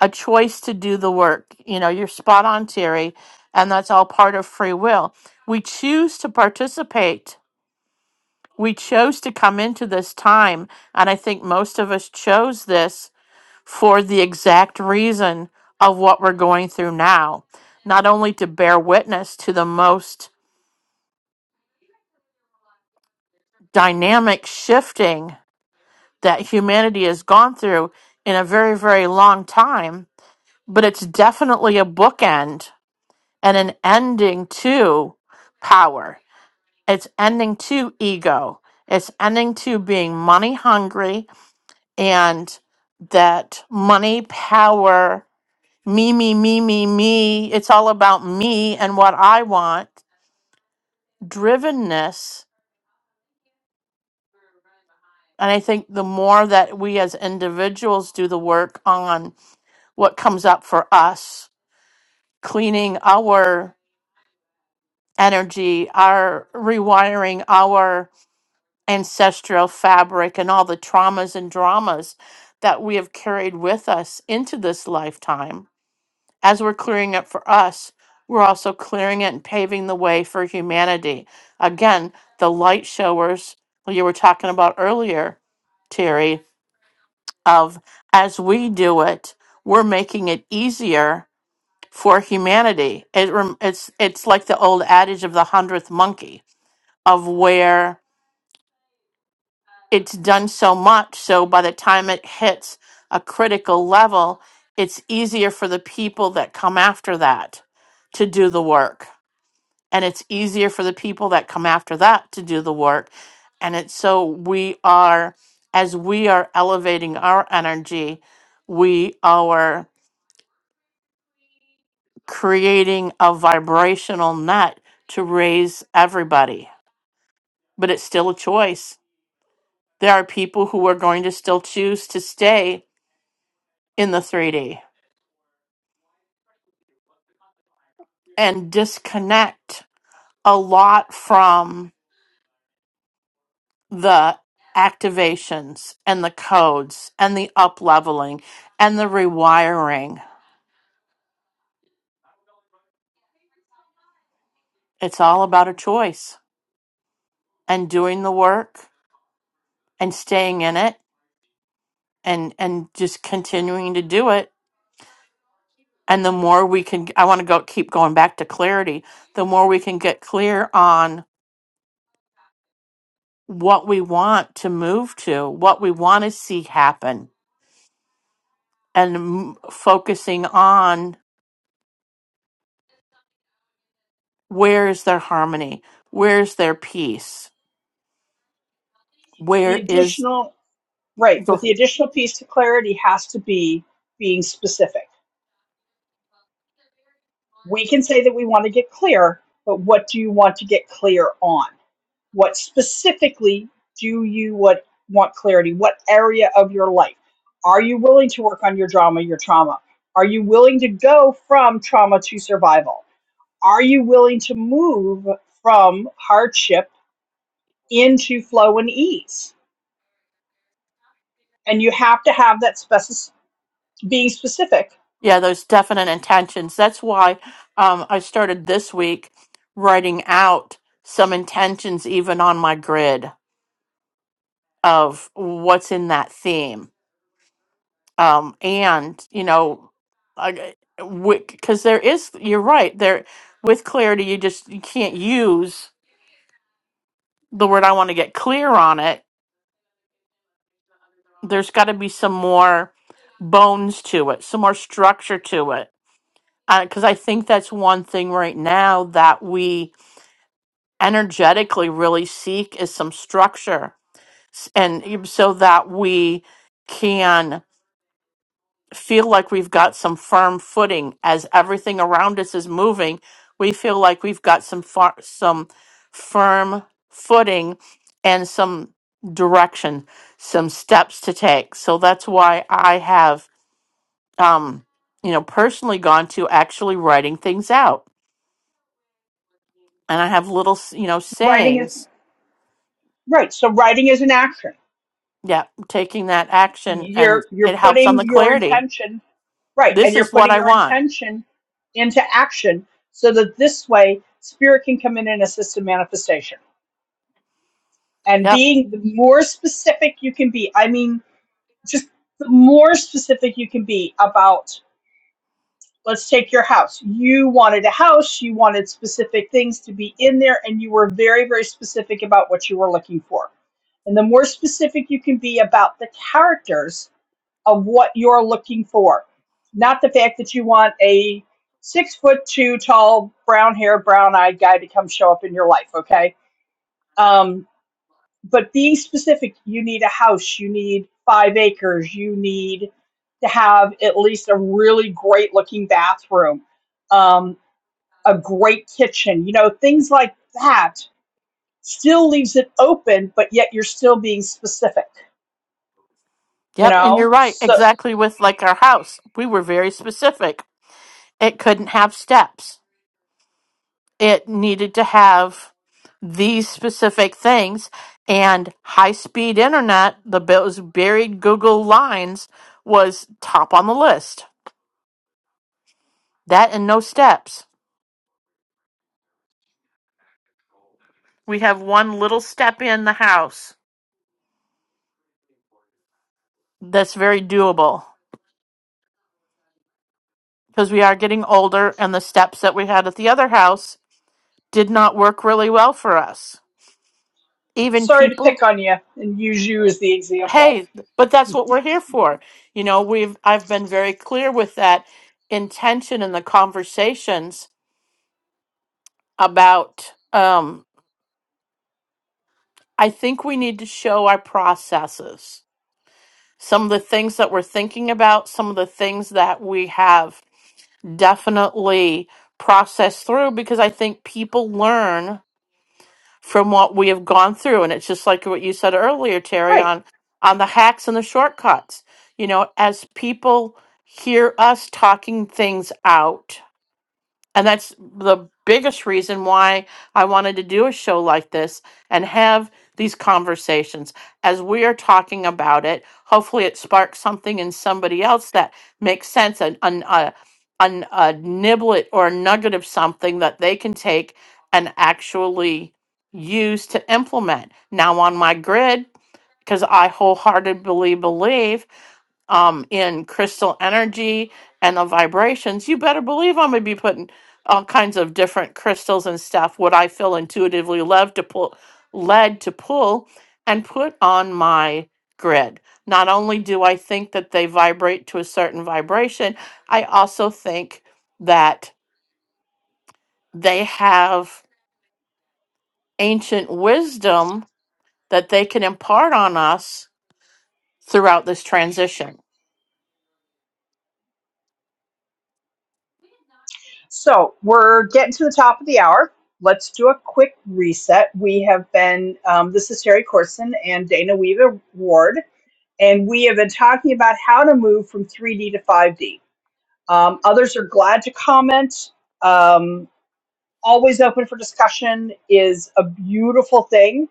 Speaker 1: a choice to do the work. You know, you're spot on, Terry, and that's all part of free will. We choose to participate. We chose to come into this time, and I think most of us chose this for the exact reason of what we're going through now, not only to bear witness to the most dynamic shifting that humanity has gone through in a very, very long time, but it's definitely a bookend and an ending to power. It's ending to ego. It's ending to being money hungry and that money, power, me, me, me, me, me. It's all about me and what I want, drivenness. And I think the more that we as individuals do the work on what comes up for us, cleaning our energy, our rewiring our ancestral fabric and all the traumas and dramas that we have carried with us into this lifetime as we're clearing it for us, we're also clearing it and paving the way for humanity. Again, the light showers you were talking about earlier, Terry, of as we do it, we're making it easier for humanity. It, rem- it's it's like the old adage of the hundredth monkey, of where it's done so much, so by the time it hits a critical level, it's easier for the people that come after that to do the work and it's easier for the people that come after that to do the work and it's so we are as we are elevating our energy we are creating a vibrational net to raise everybody but it's still a choice there are people who are going to still choose to stay in the 3d and disconnect a lot from. the activations and the codes and the up leveling and the rewiring. It's all about a choice and doing the work and staying in it and and just continuing to do it. And the more we can I want to go keep going back to clarity, the more we can get clear on what we want to move to, what we want to see happen and m- focusing on where is their harmony? Where's their peace?
Speaker 2: the
Speaker 1: where is
Speaker 2: additional Right,
Speaker 1: the
Speaker 2: but the additional piece to clarity has to be being specific. We can say that we want to get clear, but what do you want to get clear on? What specifically do you what, want clarity? What area of your life? Are you willing to work on your drama, your trauma? Are you willing to go from trauma to survival? Are you willing to move from hardship into flow and ease? And you have to have that specific being specific
Speaker 1: yeah those definite intentions that's why um, i started this week writing out some intentions even on my grid of what's in that theme um, and you know because there is you're right there with clarity you just you can't use the word i want to get clear on it there's got to be some more bones to it some more structure to it because I think that's one thing right now that we energetically really seek is some structure, S- and e- so that we can feel like we've got some firm footing as everything around us is moving. We feel like we've got some far, some firm footing and some direction, some steps to take. So that's why I have, um, you know, personally gone to actually writing things out and I have little, s- you know,
Speaker 2: writing it
Speaker 1: sayings.
Speaker 2: Right. So writing is an action.
Speaker 1: Yeah, taking that action and
Speaker 2: You're you're
Speaker 1: it helps on the
Speaker 2: putting your
Speaker 1: clarity.
Speaker 2: intention right, and
Speaker 1: This
Speaker 2: you're
Speaker 1: is what
Speaker 2: putting
Speaker 1: I
Speaker 2: your
Speaker 1: want.
Speaker 2: intention into action so that this way spirit can come in and assist in manifestation. And
Speaker 1: Yep.
Speaker 2: being the more specific you can be, I mean, just the more specific you can be about let's take your house. You wanted a house, you wanted specific things to be in there, and you were very, very specific about what you were looking for. And the more specific you can be about the characters of what you're looking for, not the fact that you want a six foot two tall, brown haired, brown eyed guy to come show up in your life. Okay. Um, but being specific, you need a house, you need five acres, you need to have at least a really great looking bathroom, um, a great kitchen, you know, things like that still leaves it open, but yet you're still being specific, you
Speaker 1: Yep. And you're
Speaker 2: know?
Speaker 1: right.
Speaker 2: So,
Speaker 1: Exactly with like our house, we were very specific. It couldn't have steps, it needed to have these specific things and high speed internet, the those buried Google lines was top on the list. That and no steps. We have one little step in the house that's very doable. because we are getting older and the steps that we had at the other house did not work really well for us. Even
Speaker 2: sorry to pick
Speaker 1: people,
Speaker 2: on you and use you as the example.
Speaker 1: hey, but that's what we're here for. You know, we've I've been very clear with that intention in the conversations about um I think we need to show our processes. Some of the things that we're thinking about, some of the things that we have definitely processed through because I think people learn from what we have gone through. And it's just like what you said earlier, Terry,
Speaker 2: Right.
Speaker 1: on on the hacks and the shortcuts. You know, as people hear us talking things out and that's the biggest reason why I wanted to do a show like this and have these conversations. As we are talking about it, hopefully it sparks something in somebody else that makes sense an, an, a, an, a niblet or a nugget of something that they can take and actually use to implement. Now, on my grid, because I wholeheartedly believe um, in crystal energy and the vibrations, you better believe I'm gonna be putting all kinds of different crystals and stuff. What I feel intuitively led to pull, led to pull, and put on my grid. Not only do I think that they vibrate to a certain vibration, I also think that they have ancient wisdom that they can impart on us throughout this transition
Speaker 2: So we're getting to the top of the hour. Let's do a quick reset. We have been, um, this is Terry Corson and Dana Weaver Ward, and we have been talking about how to move from 3D to 5D. Um, others are glad to comment. Um, always open for discussion is a beautiful thing.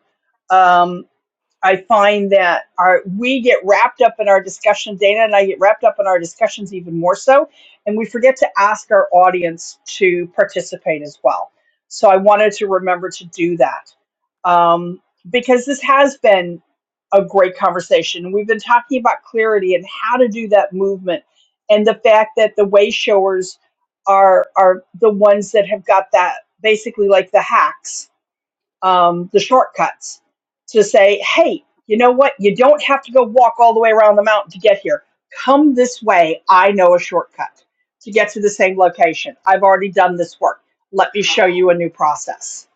Speaker 2: Um, I find that our we get wrapped up in our discussion, Dana and I get wrapped up in our discussions even more so, and we forget to ask our audience to participate as well. So I wanted to remember to do that um, because this has been a great conversation. We've been talking about clarity and how to do that movement, and the fact that the way showers are are the ones that have got that basically like the hacks um, the shortcuts to say, hey, you know what? You don't have to go walk all the way around the mountain to get here. Come this way. I know a shortcut to get to the same location. I've already done this work. Let me show you a new process,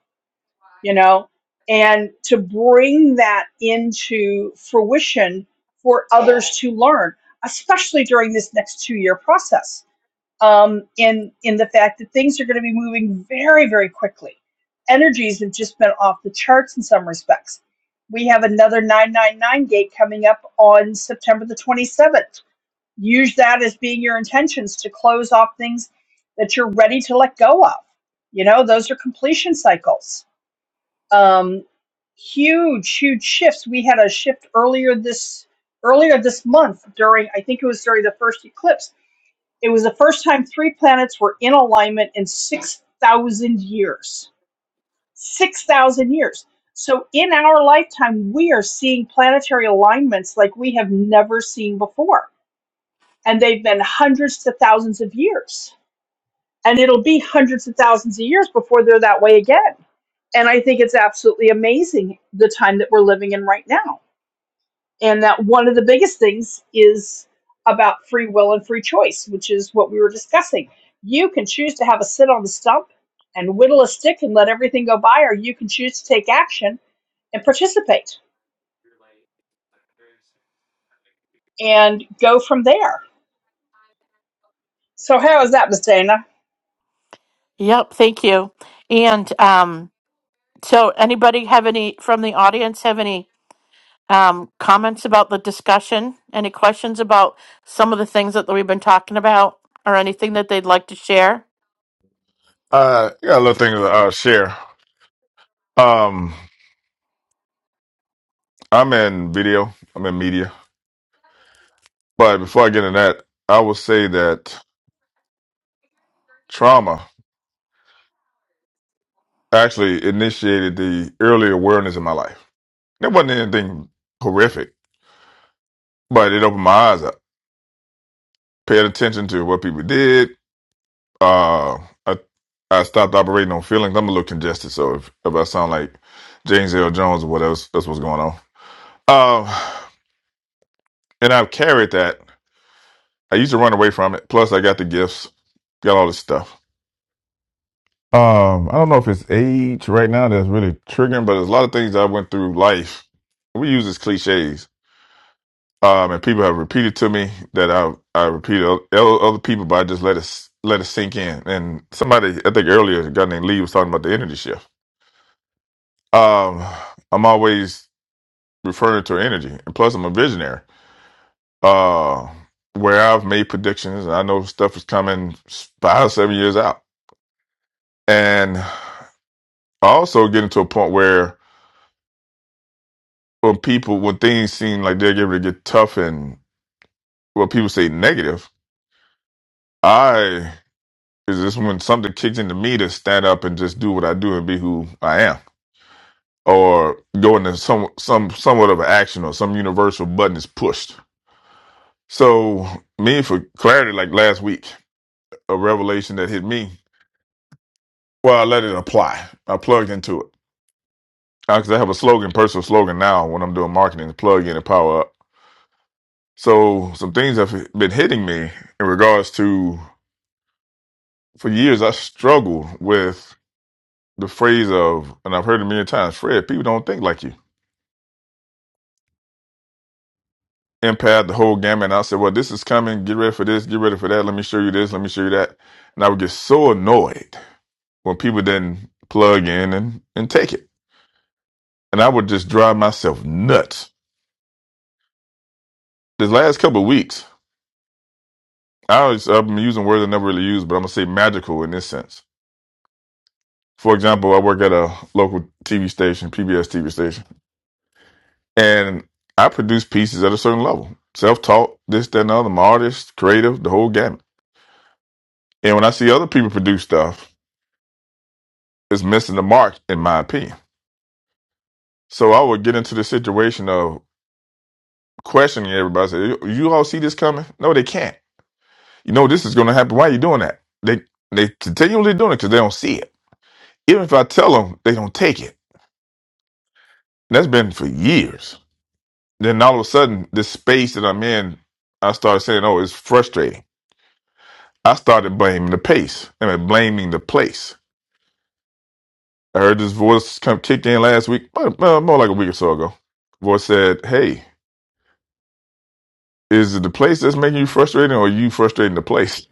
Speaker 2: you know? And to bring that into fruition for others to learn, especially during this next two year process um, in in the fact that things are going to be moving very very quickly. Energies have just been off the charts in some respects. We have another 999 gate coming up on September the 27th. Use that as being your intentions to close off things that you're ready to let go of. You know, those are completion cycles. Um, huge, huge shifts. We had a shift earlier this earlier this month during I think it was during the first eclipse it was the first time three planets were in alignment in 6,000 years. 6,000 years. So, in our lifetime, we are seeing planetary alignments like we have never seen before. And they've been hundreds to thousands of years. And it'll be hundreds of thousands of years before they're that way again. And I think it's absolutely amazing the time that we're living in right now. and that one of the biggest things is about free will and free choice, which is what we were discussing. You can choose to have a sit on the stump and whittle a stick and let everything go by, or you can choose to take action and participate and go from there. So, how is that, Miss Dana?
Speaker 1: Yep, thank you. And um, so, anybody have any from the audience have any um, comments about the discussion? Any questions about some of the things that we've been talking about, or anything that they'd like to share?
Speaker 4: Uh, I got a little thing to uh, share. Um, I'm in video. I'm in media. But before I get into that, I will say that trauma actually initiated the early awareness in my life. It wasn't anything horrific, but it opened my eyes up. Paid attention to what people did. Uh, I I stopped operating on feelings. I'm a little congested, so if, if I sound like James L. Jones or whatever, that's what's going on. Um, and I've carried that. I used to run away from it. Plus, I got the gifts, got all this stuff. Um, I don't know if it's age right now that's really triggering, but there's a lot of things I went through life. We use as cliches, um, and people have repeated to me that I I repeat o- o- other people, but I just let it s- let it sink in. And somebody, I think earlier, a guy named Lee was talking about the energy shift. Um, I'm always referring to energy, and plus, I'm a visionary. Uh, where I've made predictions, and I know stuff is coming s- five, seven years out. and I also getting to a point where when people when things seem like they're getting to get tough and what people say negative, I is this when something kicks into me to stand up and just do what I do and be who I am. Or go into some some somewhat of an action or some universal button is pushed. So me for clarity, like last week, a revelation that hit me. Well, I let it apply. I plugged into it. Because I have a slogan, personal slogan now when I'm doing marketing, plug in and power up. So some things have been hitting me in regards to for years I struggle with the phrase of and I've heard it many times, Fred, people don't think like you. Empath, the whole gamut. And I said, Well, this is coming, get ready for this, get ready for that, let me show you this, let me show you that. And I would get so annoyed when people didn't plug in and, and take it. And I would just drive myself nuts. This last couple of weeks, I was, I've been using words I never really used, but I'm gonna say magical in this sense For example, I work at a local TV station, PBS TV station, and I produce pieces at a certain level. Self taught, this, that, and the other. I'm an artist, creative, the whole gamut. And when I see other people produce stuff, it's missing the mark, in my opinion. So I would get into the situation of questioning everybody. Say, you you all see this coming? No, they can't. You know this is going to happen. Why are you doing that? They they continually doing it because they don't see it. Even if I tell them, they don't take it. And that's been for years. Then all of a sudden, this space that I'm in, I started saying, "Oh, it's frustrating." I started blaming the pace. I mean, blaming the place. I heard this voice come kicked in last week, uh, uh, more like a week or so ago. Voice said, "Hey, is it the place that's making you frustrated, or are you frustrating the place?"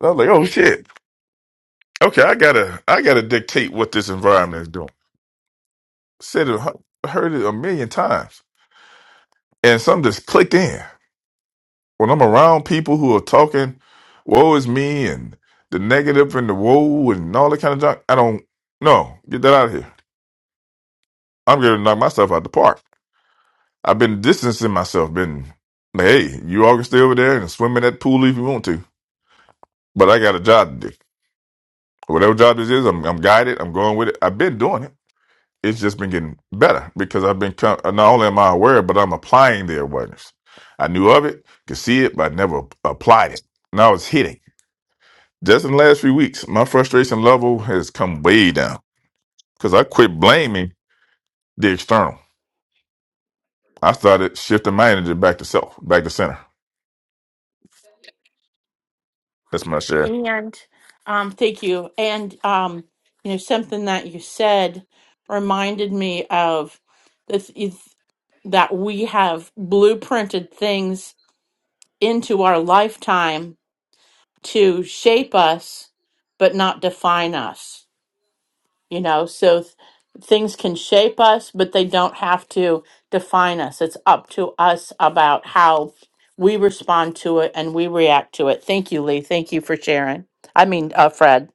Speaker 4: And I was like, "Oh shit! Okay, I gotta, I gotta dictate what this environment is doing." Said it, heard it a million times, and something just clicked in. when I'm around people who are talking, woe is me and the negative and the woe and all that kind of junk, I don't no, get that out of here. I'm gonna knock myself out the park. I've been distancing myself, been like, hey, you all can stay over there and swim in that pool if you want to. But I got a job to do. Whatever job this is, I'm, I'm guided. I'm going with it. I've been doing it. It's just been getting better because I've been co- not only am I aware, but I'm applying the awareness. I knew of it, could see it, but I never applied it. Now it's hitting. Just in the last few weeks, my frustration level has come way down because I quit blaming the external. I started shifting my energy back to self, back to center. That's my share.
Speaker 1: And um, thank you. And um, you know, something that you said reminded me of this is that we have blueprinted things into our lifetime to shape us, but not define us you know so th- things can shape us but they don't have to define us it's up to us about how we respond to it and we react to it thank you lee thank you for sharing i mean uh, fred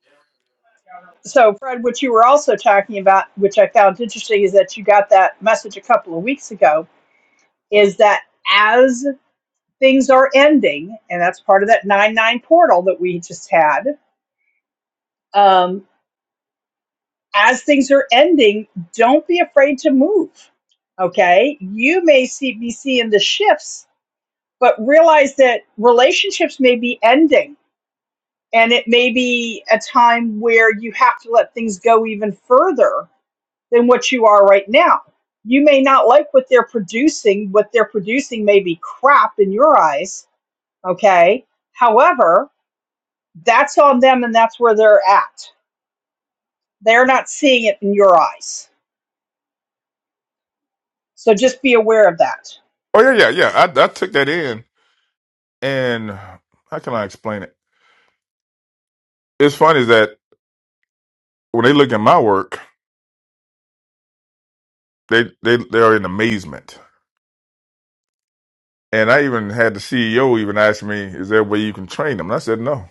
Speaker 2: So, Fred, what you were also talking about, which I found interesting, is that you got that message a couple of weeks ago, is that as things are ending, and that's part of that 9 9 portal that we just had, um, as things are ending, don't be afraid to move. Okay. You may see, be seeing the shifts, but realize that relationships may be ending and it may be a time where you have to let things go even further than what you are right now. You may not like what they're producing. What they're producing may be crap in your eyes. Okay. However, that's on them and that's where they're at. They're not seeing it in your eyes. So just be aware of that.
Speaker 4: Oh yeah, yeah, yeah. I, I took that in, and how can I explain it? It's funny that when they look at my work, they they they are in amazement. And I even had the CEO even ask me, "Is there a way you can train them?" And I said, "No."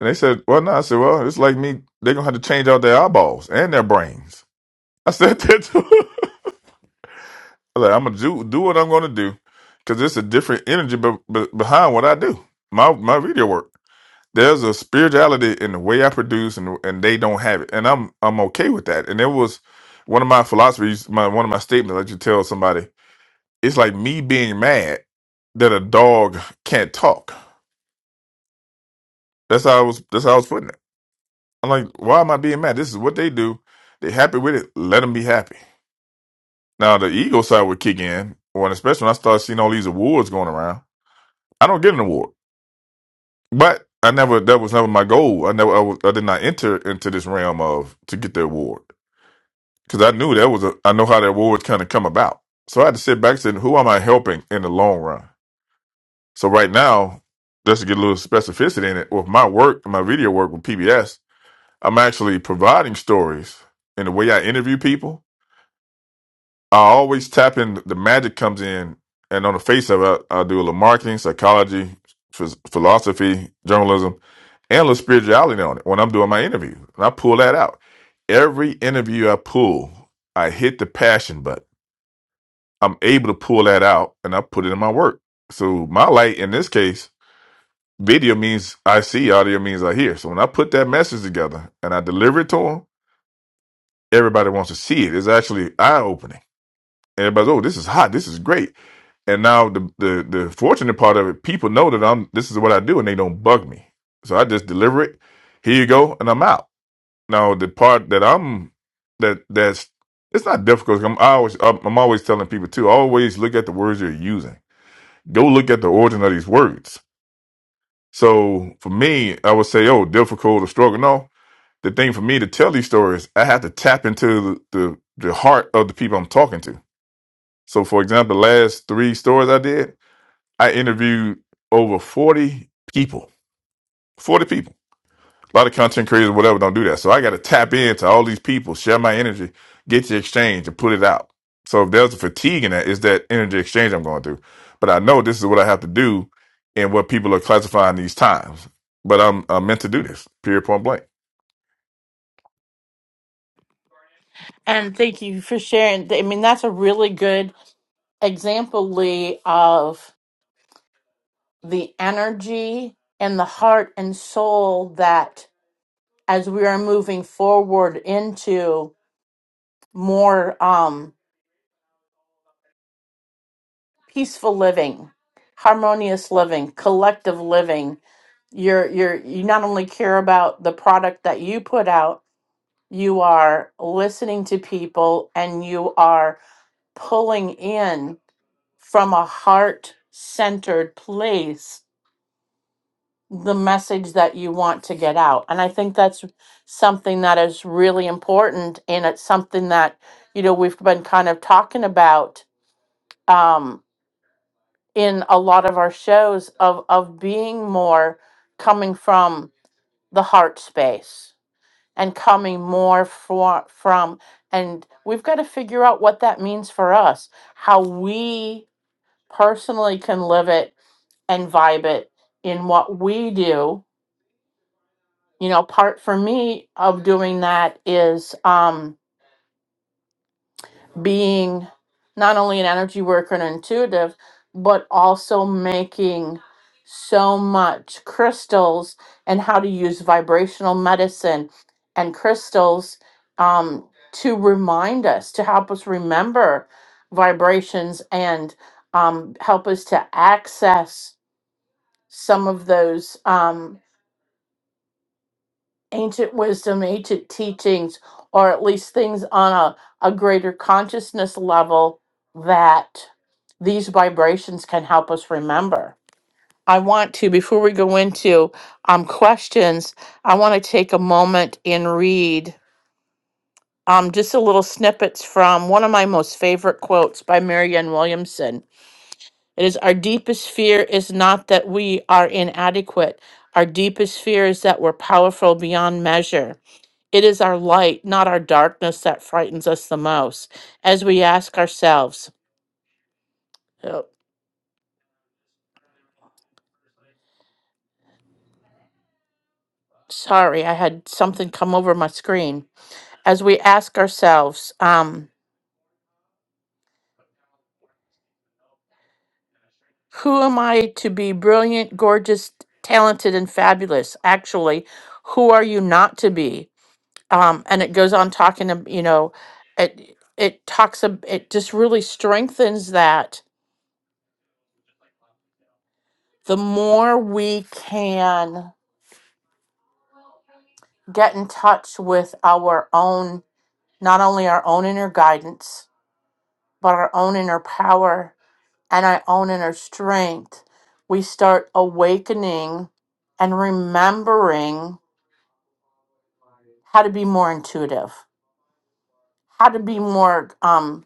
Speaker 4: And they said, "Well, no." I said, "Well, it's like me. They're gonna have to change out their eyeballs and their brains." I said that. too. Like, I'm gonna do do what I'm gonna do, because it's a different energy be, be, behind what I do. My my video work. There's a spirituality in the way I produce, and and they don't have it, and I'm I'm okay with that. And it was one of my philosophies, my one of my statements that you tell somebody. It's like me being mad that a dog can't talk. That's how I was. That's how I was putting it. I'm like, why am I being mad? This is what they do. They happy with it. Let them be happy. Now the ego side would kick in, when especially when I started seeing all these awards going around. I don't get an award, but I never. That was never my goal. I never. I, was, I did not enter into this realm of to get the award because I knew that was. A, I know how the awards kind of come about. So I had to sit back and say, who am I helping in the long run? So right now, just to get a little specificity in it, with my work, my video work with PBS, I'm actually providing stories in the way I interview people. I always tap in. The magic comes in, and on the face of it, I do a little marketing, psychology, phys- philosophy, journalism and a little spirituality on it when I'm doing my interview. And I pull that out. Every interview I pull, I hit the passion button. I'm able to pull that out and I put it in my work. So my light in this case, video means I see, audio means I hear. So when I put that message together and I deliver it to them, everybody wants to see it. It's actually eye opening. Everybody's, oh, this is hot. This is great. And now the, the the fortunate part of it, people know that I'm this is what I do and they don't bug me. So I just deliver it. Here you go, and I'm out Now the part that I'm that that's it's not difficult. I'm I always I'm I'm always telling people too. Always look at the words you're using. Go look at the origin of these words. So for me, I would say, oh, difficult or struggle. No, the thing for me to tell these stories, I have to tap into the the, the heart of the people I'm talking to. So for example, the last three stories I did, I interviewed over forty people. Forty people A lot of content creators, whatever, don't do that. So I got to tap into all these people, share my energy, get the exchange, and put it out. So if there's a fatigue in that, it's that energy exchange I'm going through. But I know this is what I have to do and what people are classifying these times. But I'm, I'm meant to do this, period, point blank.
Speaker 1: and thank you for sharing i mean that's a really good example lee of the energy and the heart and soul that as we are moving forward into more Um, peaceful living, harmonious living, collective living. You're you're you not only care about the product that you put out, you are listening to people and you are pulling in from a heart-centered place the message that you want to get out. And I think that's something that is really important and it's something that you know we've been kind of talking about um in a lot of our shows of of being more coming from the heart space and coming more for, from and we've got to figure out what that means for us how we personally can live it and vibe it in what we do you know part for me of doing that is um being not only an energy worker and intuitive, but also making so much crystals and how to use vibrational medicine and crystals um, to remind us, to help us remember vibrations and um, help us to access some of those. um, ancient wisdom, ancient teachings, or at least things on a, a greater consciousness level that these vibrations can help us remember. I want to, before we go into um, questions, I want to take a moment and read um, just a little snippets from one of my most favorite quotes by Marianne Williamson. It is Our deepest fear is not that we are inadequate, our deepest fear is that we're powerful beyond measure. It is our light, not our darkness, that frightens us the most. As we ask ourselves, oh, sorry, I had something come over my screen. As we ask ourselves, um, who am I to be brilliant, gorgeous, talented, and fabulous? Actually, who are you not to be? Um, and it goes on talking, ab- you know, it it talks, ab- it just really strengthens that. The more we can get in touch with our own not only our own inner guidance, but our own inner power and our own inner strength, we start awakening and remembering how to be more intuitive, how to be more um,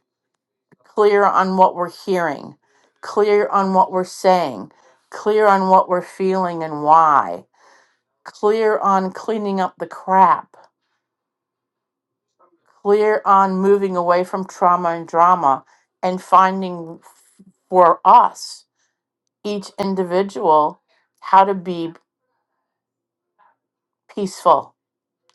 Speaker 1: clear on what we're hearing, clear on what we're saying, clear on what we're feeling and why, clear on cleaning up the crap, clear on moving away from trauma and drama and finding for us each individual how to be peaceful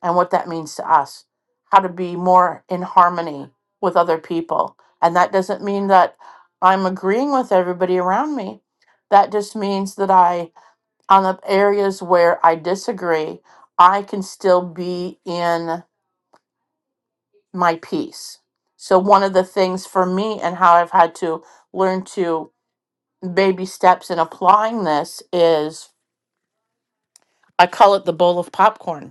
Speaker 1: and what that means to us, how to be more in harmony with other people. And that doesn't mean that I'm agreeing with everybody around me. That just means that I, on the areas where I disagree, I can still be in my peace. So, one of the things for me and how I've had to learn to baby steps in applying this is I call it the bowl of popcorn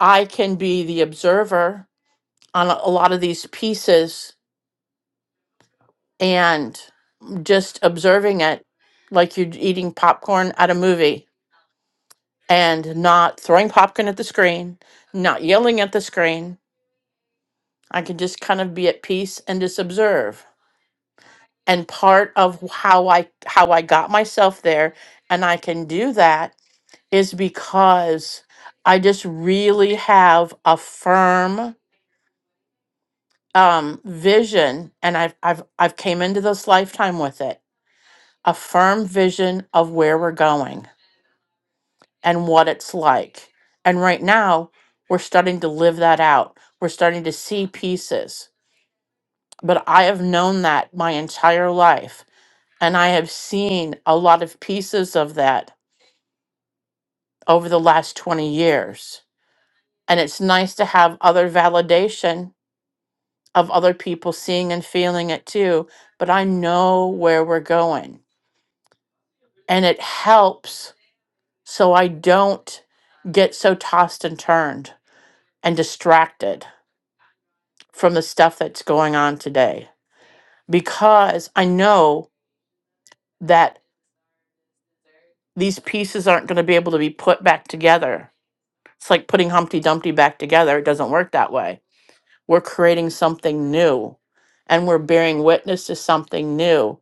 Speaker 1: I can be the observer on a a lot of these pieces and just observing it like you're eating popcorn at a movie and not throwing popcorn at the screen, not yelling at the screen. I can just kind of be at peace and just observe. And part of how I how I got myself there and I can do that is because I just really have a firm um vision and I've I've I've came into this lifetime with it. A firm vision of where we're going and what it's like. And right now, we're starting to live that out. We're starting to see pieces. But I have known that my entire life and I have seen a lot of pieces of that over the last 20 years. And it's nice to have other validation of other people seeing and feeling it too, but I know where we're going and it helps so I don't get so tossed and turned and distracted from the stuff that's going on today because I know that these pieces aren't going to be able to be put back together. It's like putting Humpty Dumpty back together. It doesn't work that way. We're creating something new and we're bearing witness to something new.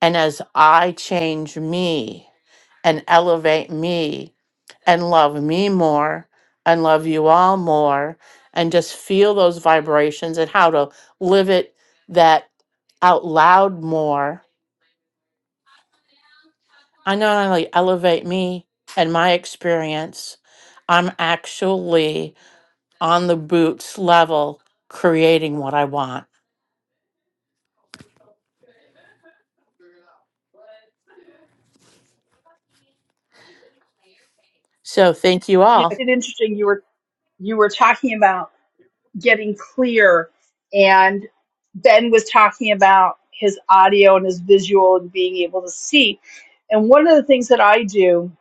Speaker 1: And as I change me and elevate me and love me more and love you all more and just feel those vibrations and how to live it that out loud more. I not only elevate me and my experience, I'm actually on the boots level creating what I want. So thank you
Speaker 2: you know,
Speaker 1: all.
Speaker 2: it's interesting you were you were talking about getting clear and Ben was talking about his audio and his visual and being able to see. And one of the things that I do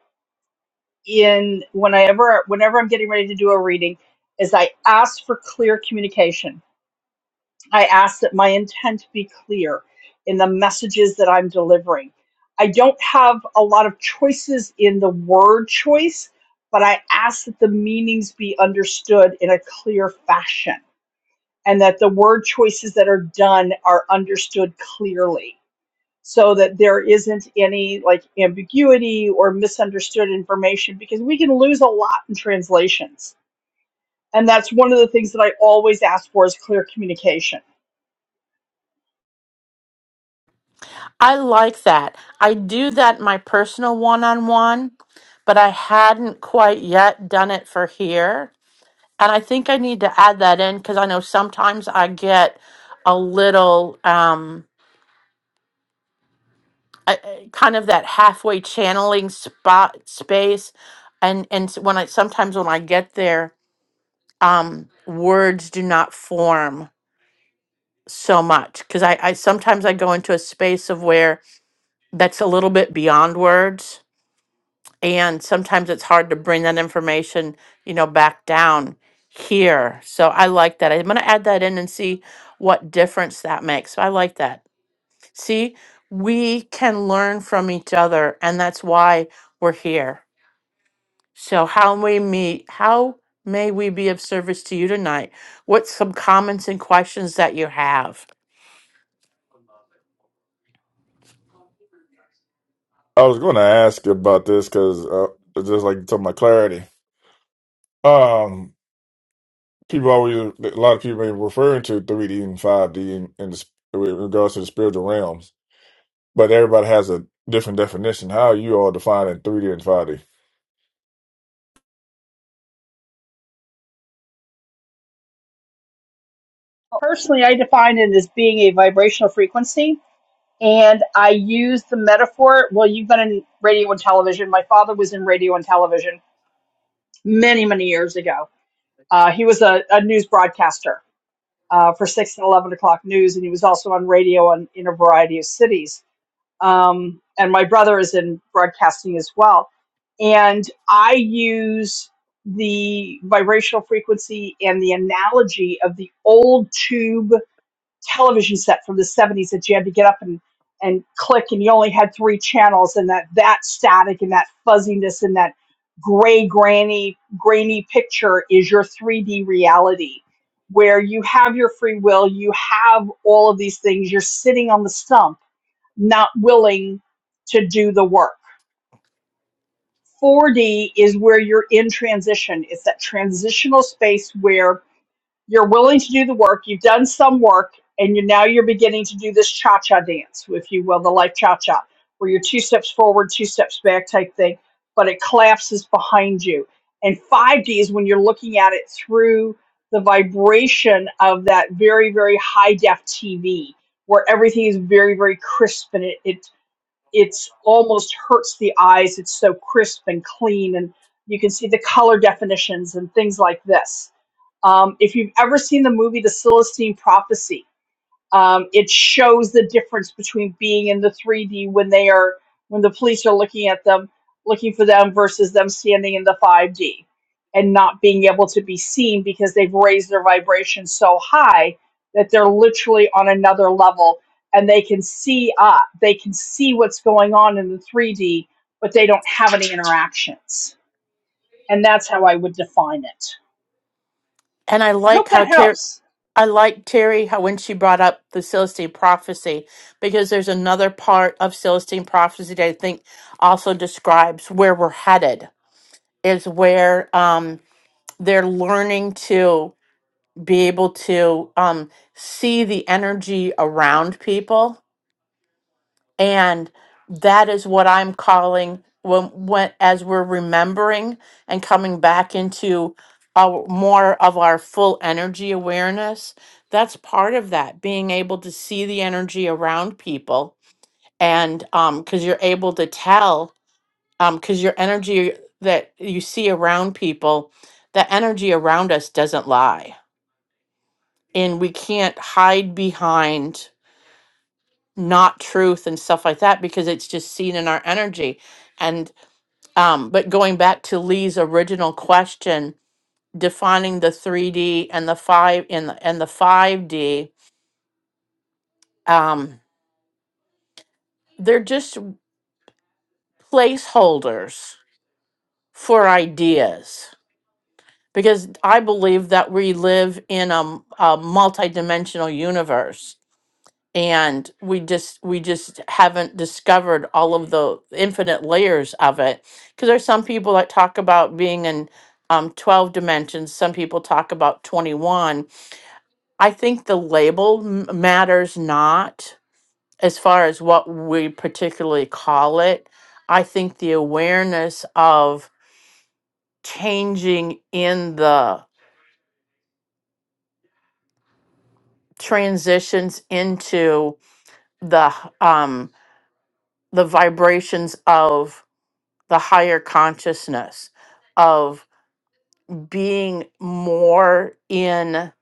Speaker 2: in whenever whenever I'm getting ready to do a reading is I ask for clear communication I ask that my intent be clear in the messages that I'm delivering. I don't have a lot of choices in the word choice, but I ask that the meanings be understood in a clear fashion and that the word choices that are done are understood clearly so that there isn't any like ambiguity or misunderstood information because we can lose a lot in translations. And that's one of the things that I always ask for is clear communication
Speaker 1: I like that. I do that in my personal one on one, but I hadn't quite yet done it for here. And I think I need to add that in because I know sometimes I get a little um, I, I- kind of that halfway channeling spot space, and and s- when I sometimes when I get there, um, words do not form so much because I, I sometimes I go into a space of where that's a little bit beyond words and sometimes it's hard to bring that information you know back down here so i like that i'm going to add that in and see what difference that makes so i like that see we can learn from each other and that's why we're here so how we meet how may we be of service to you tonight what's some comments and questions that you have
Speaker 4: I was going to ask about this because uh, it's just like you're talking about clarity, um, people always a lot of people are referring to 3D and 5D in, in, the, sp- with regards to the spiritual realms but everybody has a different definition. How are you all defining 3D and 5D?
Speaker 2: well, Personally, I define it as being a vibrational frequency. And I use the metaphor. Well, you've been in radio and television. My father was in radio and television many, many years ago. Uh, he was a, a news broadcaster uh, for 6 and 11 o'clock news, and he was also on radio in, in a variety of cities. um, and my brother is in broadcasting as well. And I use the vibrational frequency and the analogy of the old tube television set from the 70s that you had to get up and, and click, and you only had three channels, and that, that static and that fuzziness and that gray, granny, grainy picture is your 3D reality. Where you have your free will, you have all of these things, you're sitting on the stump not willing to do the work. 4D is where you're in transition. It's that transitional space where you're willing to do the work, you've done some work, and you now you're beginning to do this cha-cha dance, if you will, the life cha-cha, where you're two steps forward, two steps back type thing, but it collapses behind you. And 5D is when you're looking at it through the vibration of that very, very high def TV, where everything is very, very crisp and it, it it's almost hurts the eyes. It's so crisp and clean, and you can see the color definitions and things like this. Um, if you've ever seen the movie The Celestine Prophecy, um, it shows the difference between being in the 3D when they are when the police are looking at them, looking for them versus them standing in the 5D and not being able to be seen because they've raised their vibration so high that they're literally on another level and they can see up, they can see what's going on in the 3D, but they don't have any interactions. And that's how I would define it.
Speaker 1: and i
Speaker 2: I hope
Speaker 1: like
Speaker 2: that
Speaker 1: how terry
Speaker 2: helps.
Speaker 1: I like Terry how when she brought up the Celestine prophecy because there's another part of Celestine prophecy that I think also describes where we're headed is where um, they're learning to be able to um, see the energy around people and that is what i'm calling when, when as we're remembering and coming back into our more of our full energy awareness that's part of that being able to see the energy around people and um because you're able to tell um because your energy that you see around people the energy around us doesn't lie and we can't hide behind not truth and stuff like that because it's just seen in our energy and um but going back to lee's original question defining the 3d and the 5 and the, and the 5d um they're just placeholders for ideas because i believe that we live in a, m- a multi-dimensional universe and we just we just haven't discovered all of the infinite layers of it because there's some people that talk about being in um, 12 dimensions some people talk about 21 i think the label m- matters not as far as what we particularly call it i think the awareness of changing in the transitions into the h- um the vibrations of the higher consciousness of being more in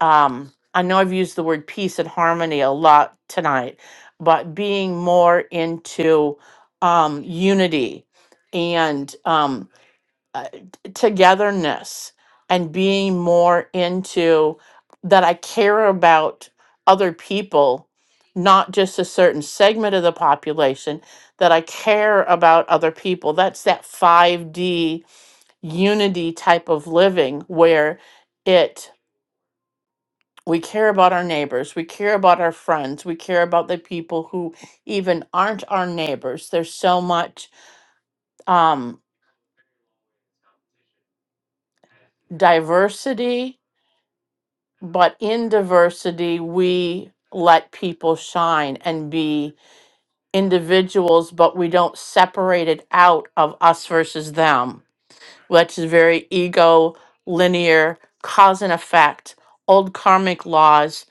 Speaker 1: um I know I've used the word peace and harmony a lot tonight, but being more into um unity and um, uh, togetherness and being more into that I care about other people, not just a certain segment of the population, that I care about other people. That's that 5D unity type of living where it we care about our neighbors, we care about our friends, we care about the people who even aren't our neighbors. There's so much um diversity but in diversity we let people shine and be individuals but we don't separate it out of us versus them which is very ego linear cause and effect old karmic laws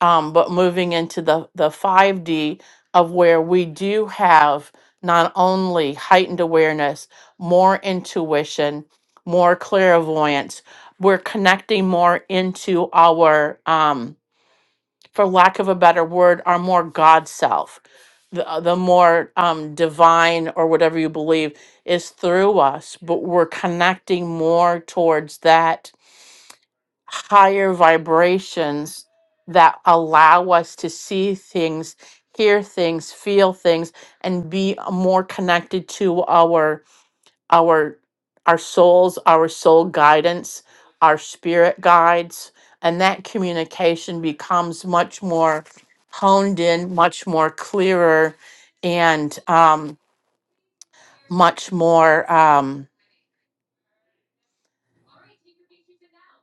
Speaker 1: um, but moving into the, the 5d of where we do have not only heightened awareness more intuition more clairvoyance we're connecting more into our um, for lack of a better word, are more God self. The, uh, the more um, divine or whatever you believe is through us, but we're connecting more towards that higher vibrations that allow us to see things, hear things, feel things, and be more connected to our our our souls, our soul guidance, our spirit guides, and that communication becomes much more honed in, much more clearer, and um, much more. Um,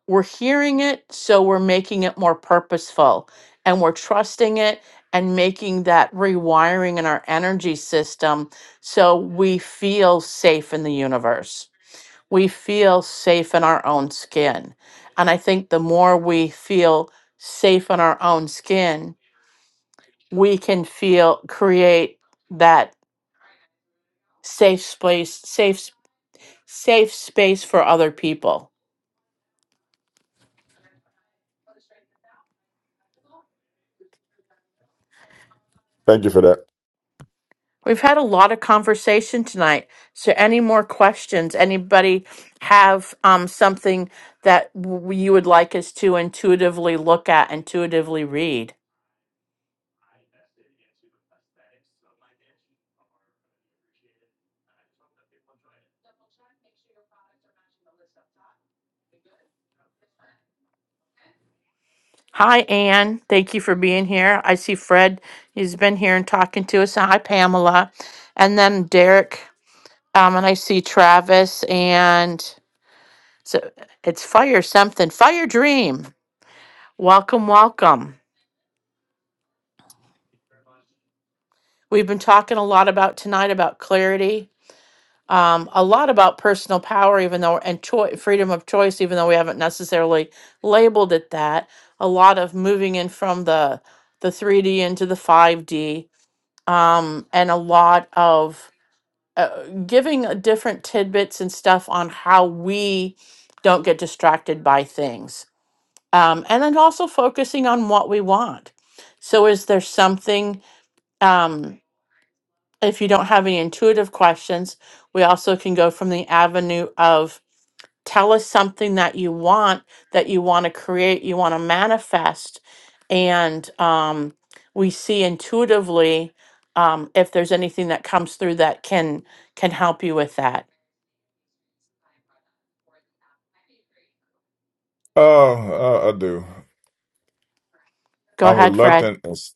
Speaker 1: we're hearing it, so we're making it more purposeful, and we're trusting it and making that rewiring in our energy system so we feel safe in the universe. we feel safe in our own skin. And I think the more we feel safe in our own skin, we can feel create that safe space, safe s- safe space for other people.
Speaker 4: Thank you for that.
Speaker 1: We've had a lot of conversation tonight. So any more questions? Anybody have um, something that w- you would like us to intuitively look at, intuitively read? Hi, Anne. Thank you for being here. I see Fred. He's been here and talking to us. Hi, Pamela. And then Derek. Um, and I see Travis and so it's Fire Something. Fire Dream. Welcome, welcome. We've been talking a lot about tonight about clarity, um, a lot about personal power, even though and choi- freedom of choice, even though we haven't necessarily labeled it that. A lot of moving in from the the 3D into the 5D um, and a lot of uh, giving uh, different tidbits and stuff on how we don't get distracted by things. Um, and then also focusing on what we want. So, is there something, um, if you don't have any intuitive questions, we also can go from the avenue of tell us something that you want that you want to create you want to manifest and um, we see intuitively um, if there's anything that comes through that can can help you with that
Speaker 4: Oh, uh, I do.
Speaker 1: go
Speaker 4: I'm
Speaker 1: ahead fred
Speaker 4: reluctant. in- s-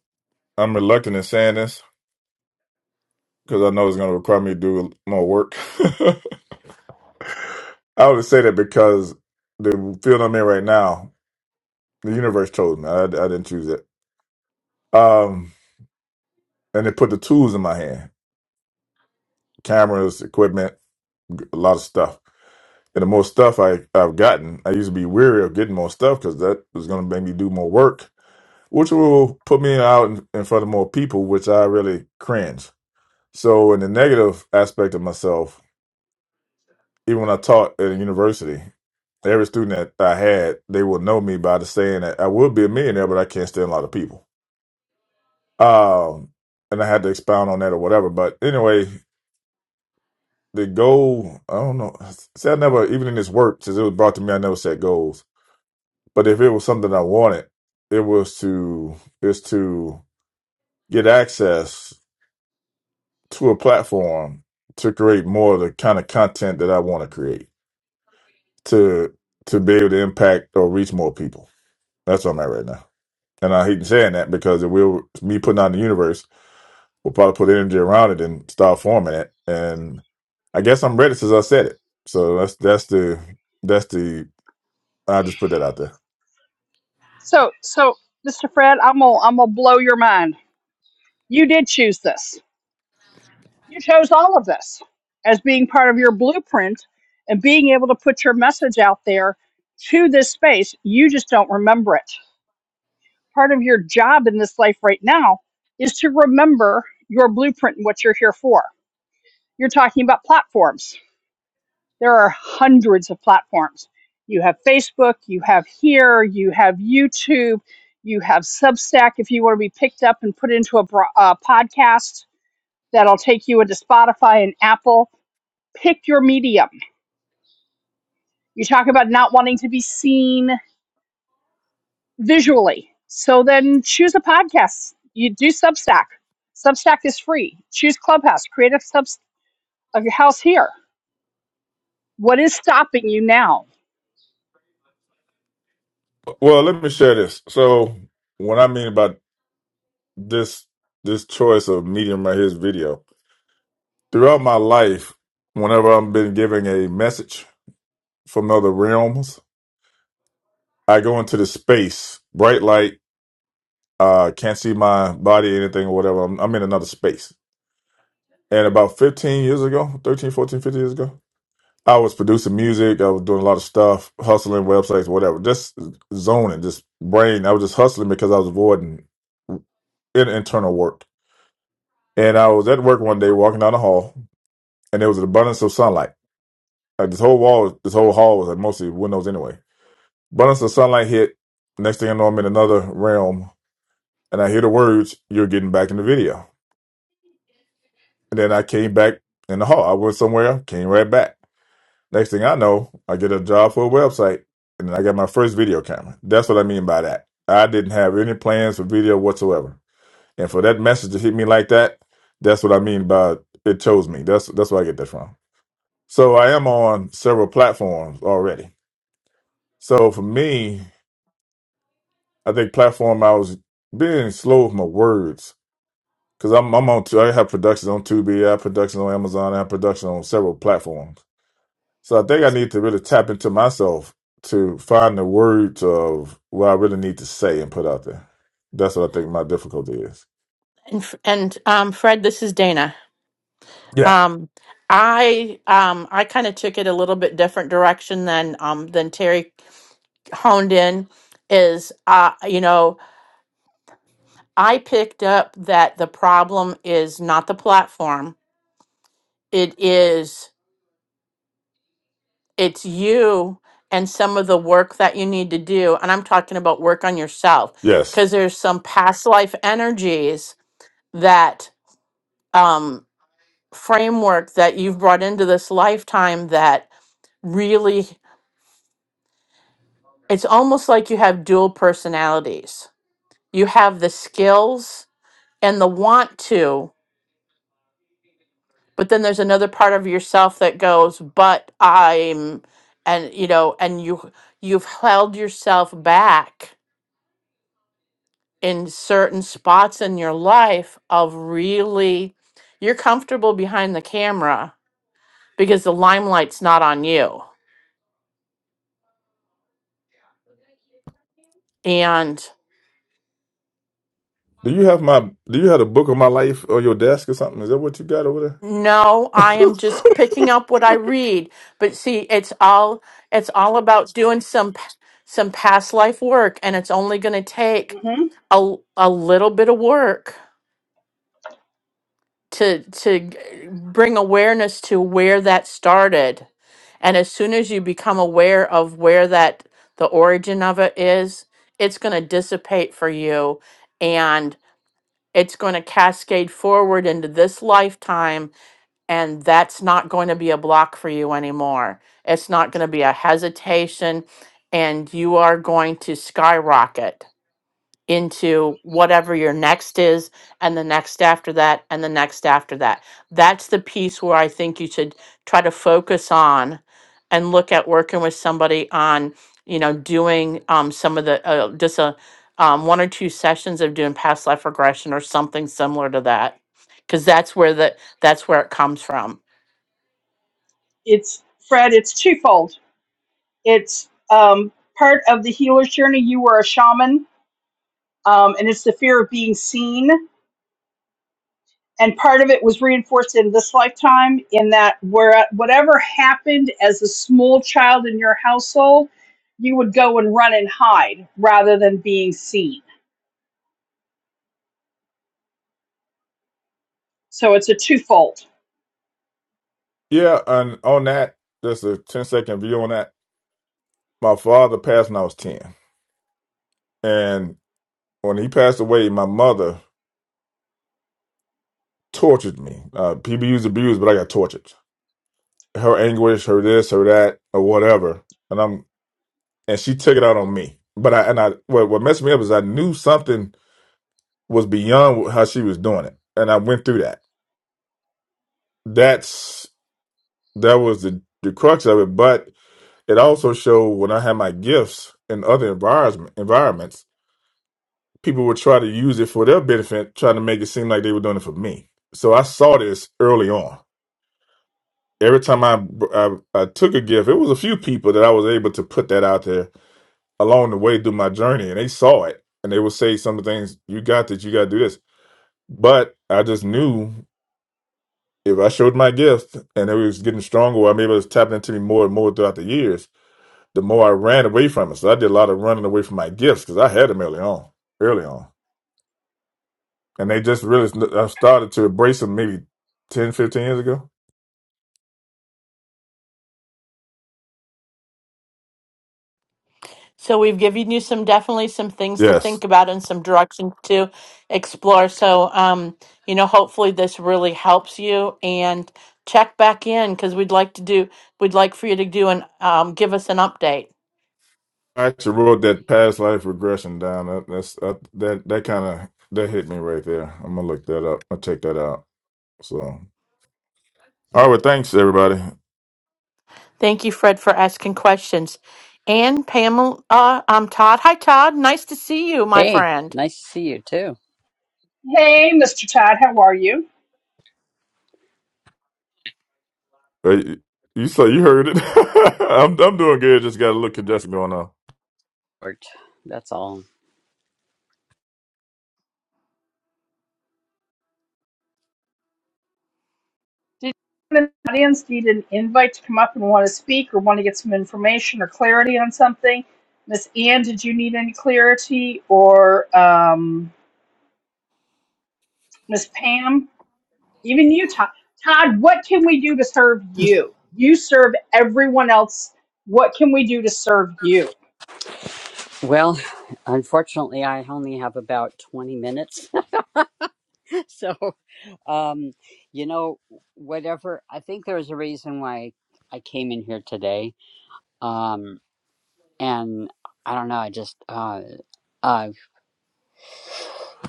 Speaker 4: I'm reluctant in saying this because I know it's going to require me to do more work. I would say that because the field I'm in right now, the universe chose me. I, I didn't choose it. Um, and it put the tools in my hand: cameras, equipment, a lot of stuff. And the more stuff I, I've gotten, I used to be weary of getting more stuff because that was going to make me do more work which will put me out in in front of more people, which I really cringe. So, in the negative aspect of myself, even when I taught at a university, every student that I had, they will know me by the saying that I would be a millionaire, but I can't stand a lot of people. Um, and I had to expound on that or whatever. But anyway, the goal, I don't know. See, I never, even in this work, since it was brought to me, I never set goals. But if it was something I wanted, it was to, is to get access. to a platform to create more of the kind of content that I want to create to to be able to impact or reach more people. That's where I'm at right now. And I hate saying that because it will me putting out in the universe will probably put energy around it and start forming it. And I guess I'm ready since I said it. So that's that's the that's the I just put that out there.
Speaker 2: So, so Mr. Fred, I'm gonna I'm gonna blow your mind. You did choose this. You chose all of this as being part of your blueprint and being able to put your message out there to this space. You just don't remember it. Part of your job in this life right now is to remember your blueprint and what you're here for. You're talking about platforms. There are hundreds of platforms. You have Facebook, you have here, you have YouTube, you have Substack if you want to be picked up and put into a bro- uh, podcast that'll take you into Spotify and Apple. Pick your medium. You talk about not wanting to be seen visually. So then choose a podcast. You do Substack. Substack is free. Choose Clubhouse. Create a sub of your house here. What is stopping you now?
Speaker 4: Well, let me share this. So what I mean about this this choice of medium right here is video Throughout my life, whenever I've been giving a message from other realms, I go into the space, bright light, uh, can't see my body, anything or whatever. I'm, I'm in another space. And about 15 years ago, 13, 14, 15 years ago, I was producing music. I was doing a lot of stuff, hustling websites, whatever, just zoning, just brain. I was just hustling because I was avoiding in- internal work. And I was at work one day walking down the hall, and there was an abundance of sunlight. Like this whole wall, this whole hall was like mostly windows anyway Abundance of sunlight hit. Next thing I know, I'm in another realm, and I hear the words, "You're getting back in the video." And then I came back in the hall. I went somewhere, came right back. Next thing I know, I get a job for a website, and then I got my first video camera. That's what I mean by that. I didn't have any plans for video whatsoever, and for that message to hit me like that, that's what I mean by it chose me. That's that's where I get that from. So I am on several platforms already. So for me, I think platform I was being slow with my words Because I'm, I'm on, I have productions on Tubi, I have productions on Amazon, I have productions on several platforms. So I think I need to really tap into myself to find the words of what I really need to say and put out there. That's what I think my difficulty is.
Speaker 1: and, F- and um, fred this is dana
Speaker 4: Yeah.
Speaker 1: um, i um, i kind of took it a little bit different direction than um, than terry honed in is uh, you know i picked up that the problem is not the platform it is it's you and some of the work that you need to do and i'm talking about work on yourself
Speaker 4: Yes.
Speaker 1: because there's some past life energies that um framework that you've brought into this lifetime that really it's almost like you have dual personalities you have the skills and the want to but then there's another part of yourself that goes but i'm and you know and you you've held yourself back in certain spots in your life of really you're comfortable behind the camera because the limelight's not on you. And
Speaker 4: Do you have my, do you have the book of my life on your desk or something? Is that what you got over there?
Speaker 1: no, I am just picking up what I read, but see, it's all it's all about doing some p- some past life work and it's only going to take
Speaker 2: hmm
Speaker 1: a, a little bit of work to to g- bring awareness to where that started and as soon as you become aware of where that the origin of it is it's going to dissipate for you and it's going to cascade forward into this lifetime and that's not going to be a block for you anymore it's not going to be a hesitation and you are going to skyrocket into whatever your next is and the next after that and the next after that. That's the piece where I think you should try to focus on and look at working with somebody on, you know, doing um, some of the uh, just a um, one or two sessions of doing past life regression or something similar to that, because that's where the that's where it comes from.
Speaker 2: It's Fred. It's twofold. It's um, part of the healer's journey. You were a shaman, um, and it's the fear of being seen. and part of it was reinforced in this lifetime in that where whatever happened as a small child in your household you would go and run and hide rather than being seen so it's a twofold
Speaker 4: Yeah. And on that, there's a 10 second view on that. My father passed when I was 10. And when he passed away, my mother tortured me. Uh, people used abuse, but I got tortured. her anguish, her this, her that, or whatever. And I'm and she took it out on me. But I and I what what messed me up is I knew something was beyond how she was doing it, and I went through that. That's that was the the crux of it. But it also showed when I had my gifts in other environment environments, people would try to use it for their benefit, trying to make it seem like they were doing it for me. So I saw this early on. Every time I, I I took a gift, it was a few people that I was able to put that out there along the way through my journey and they saw it and they would say some of the things you got that you got to do this but i just knew if i showed my gift and it was getting stronger i mean it was tapping into me more and more throughout the years the more i ran away from it so i did a lot of running away from my gifts because i had them early on early on and they just really i started to embrace them maybe ten, fifteen years ago
Speaker 1: So we've given you some definitely some things to
Speaker 4: yes
Speaker 1: think about and some directions to explore. So um, you know, hopefully this really helps you and check back in because we'd like to do we'd like for you to do and um, give us an update.
Speaker 4: i actually wrote that past life regression down that, that's uh, that that kind of that hit me right there i'm gonna look that up i'll check that out so All right, well, thanks everybody.
Speaker 1: Thank you, Fred, for asking questions. And Pamela, uh, I'm Todd. Hi, Todd. Nice to see you, my
Speaker 5: Hey,
Speaker 1: friend.
Speaker 5: nice to see you too.
Speaker 2: hey mr todd how are you
Speaker 4: Uh, You you- so you heard it. I'm I'm doing good. Just got a little congestion going on.
Speaker 5: Art, That's all.
Speaker 2: did you in the audience need an invite to come up and want to speak or want to get some information or clarity on something miss ann did you need any clarity or um, miss pam Even you, Todd. Todd, what can we do to serve you? You serve everyone else. What can we do to serve you?
Speaker 5: Well, unfortunately, I only have about 20 minutes. so, um, you know, whatever, I think there's a reason why I came in here today. Um, and I don't know, I just, uh, uh,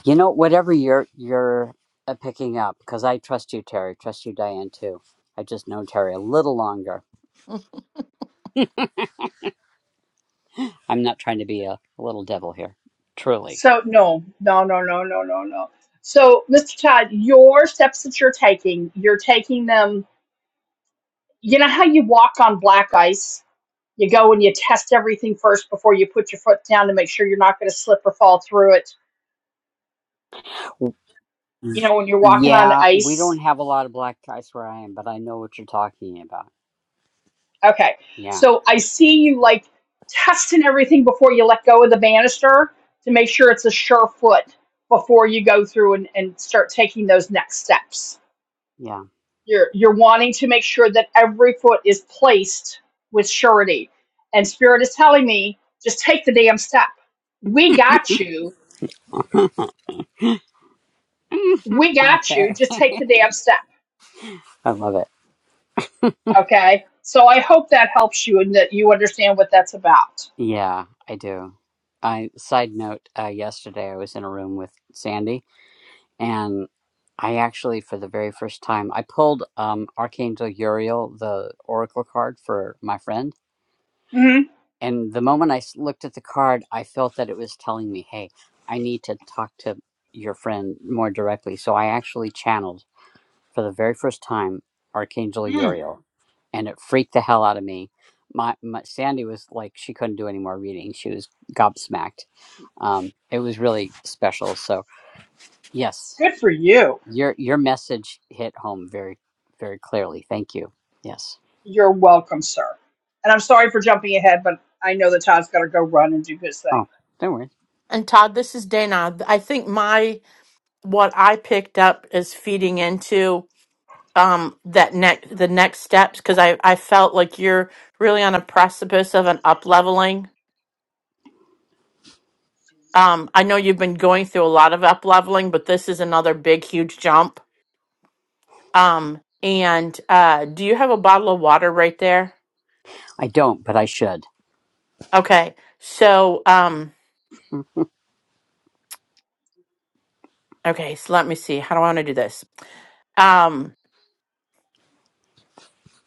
Speaker 5: you know, whatever you're, you're uh, picking up, because I trust you, Terry, trust you, Diane, too. I just know Terry a little longer. I'm not trying to be a little devil here, truly
Speaker 2: So no, no, no, no, no, no, no. So, Mr. Todd, your steps that you're taking, you're taking them. You know how you walk on black ice? You go and you test everything first before you put your foot down to make sure you're not going to slip or fall through it.
Speaker 5: Mm.
Speaker 2: You know, when you're walking on
Speaker 5: Yeah, we
Speaker 2: ice,
Speaker 5: don't have a lot of black guys where I am, but I know what you're talking about.
Speaker 2: Okay.
Speaker 5: Yeah,
Speaker 2: So I see you like testing everything before you let go of the banister to make sure it's a sure foot before you go through and, and start taking those next steps.
Speaker 5: yeah.
Speaker 2: You're you're wanting to make sure that every foot is placed with surety. And spirit is telling me, just take the damn step. We got you. We got you.
Speaker 5: Okay.
Speaker 2: Just take the damn step.
Speaker 5: I love it.
Speaker 2: Okay. So I hope that helps you and that you understand what that's about.
Speaker 5: Yeah, I do. I side note, uh, yesterday I was in a room with Sandy, and I actually, for the very first time, I pulled um, Archangel Uriel, the oracle card for my friend.
Speaker 2: hmm
Speaker 5: And the moment I s- looked at the card, I felt that it was telling me, "Hey, I need to talk to your friend more directly." So I actually channeled. for the very first time Archangel
Speaker 2: Mm,
Speaker 5: Uriel, and it freaked the hell out of me. My, my Sandy was like she couldn't do any more reading; she was gobsmacked. Um, it was really special. So yes,
Speaker 2: good for you.
Speaker 5: your your message hit home very very clearly. Thank you. Yes.
Speaker 2: You're welcome, sir. And I'm sorry for jumping ahead, but I know that Todd's got to go run and do his thing.
Speaker 5: Oh, don't worry.
Speaker 1: And Todd, this is Dana. I think my what I picked up is feeding into. um that next the next steps because I I felt like you're really on a precipice of an up leveling. Um, I know you've been going through a lot of up leveling, but this is another big huge jump. Um, and uh, do you have a bottle of water right there?
Speaker 5: I don't, but I should.
Speaker 1: Okay, so um, okay, so let me see. How do I want to do this? Um,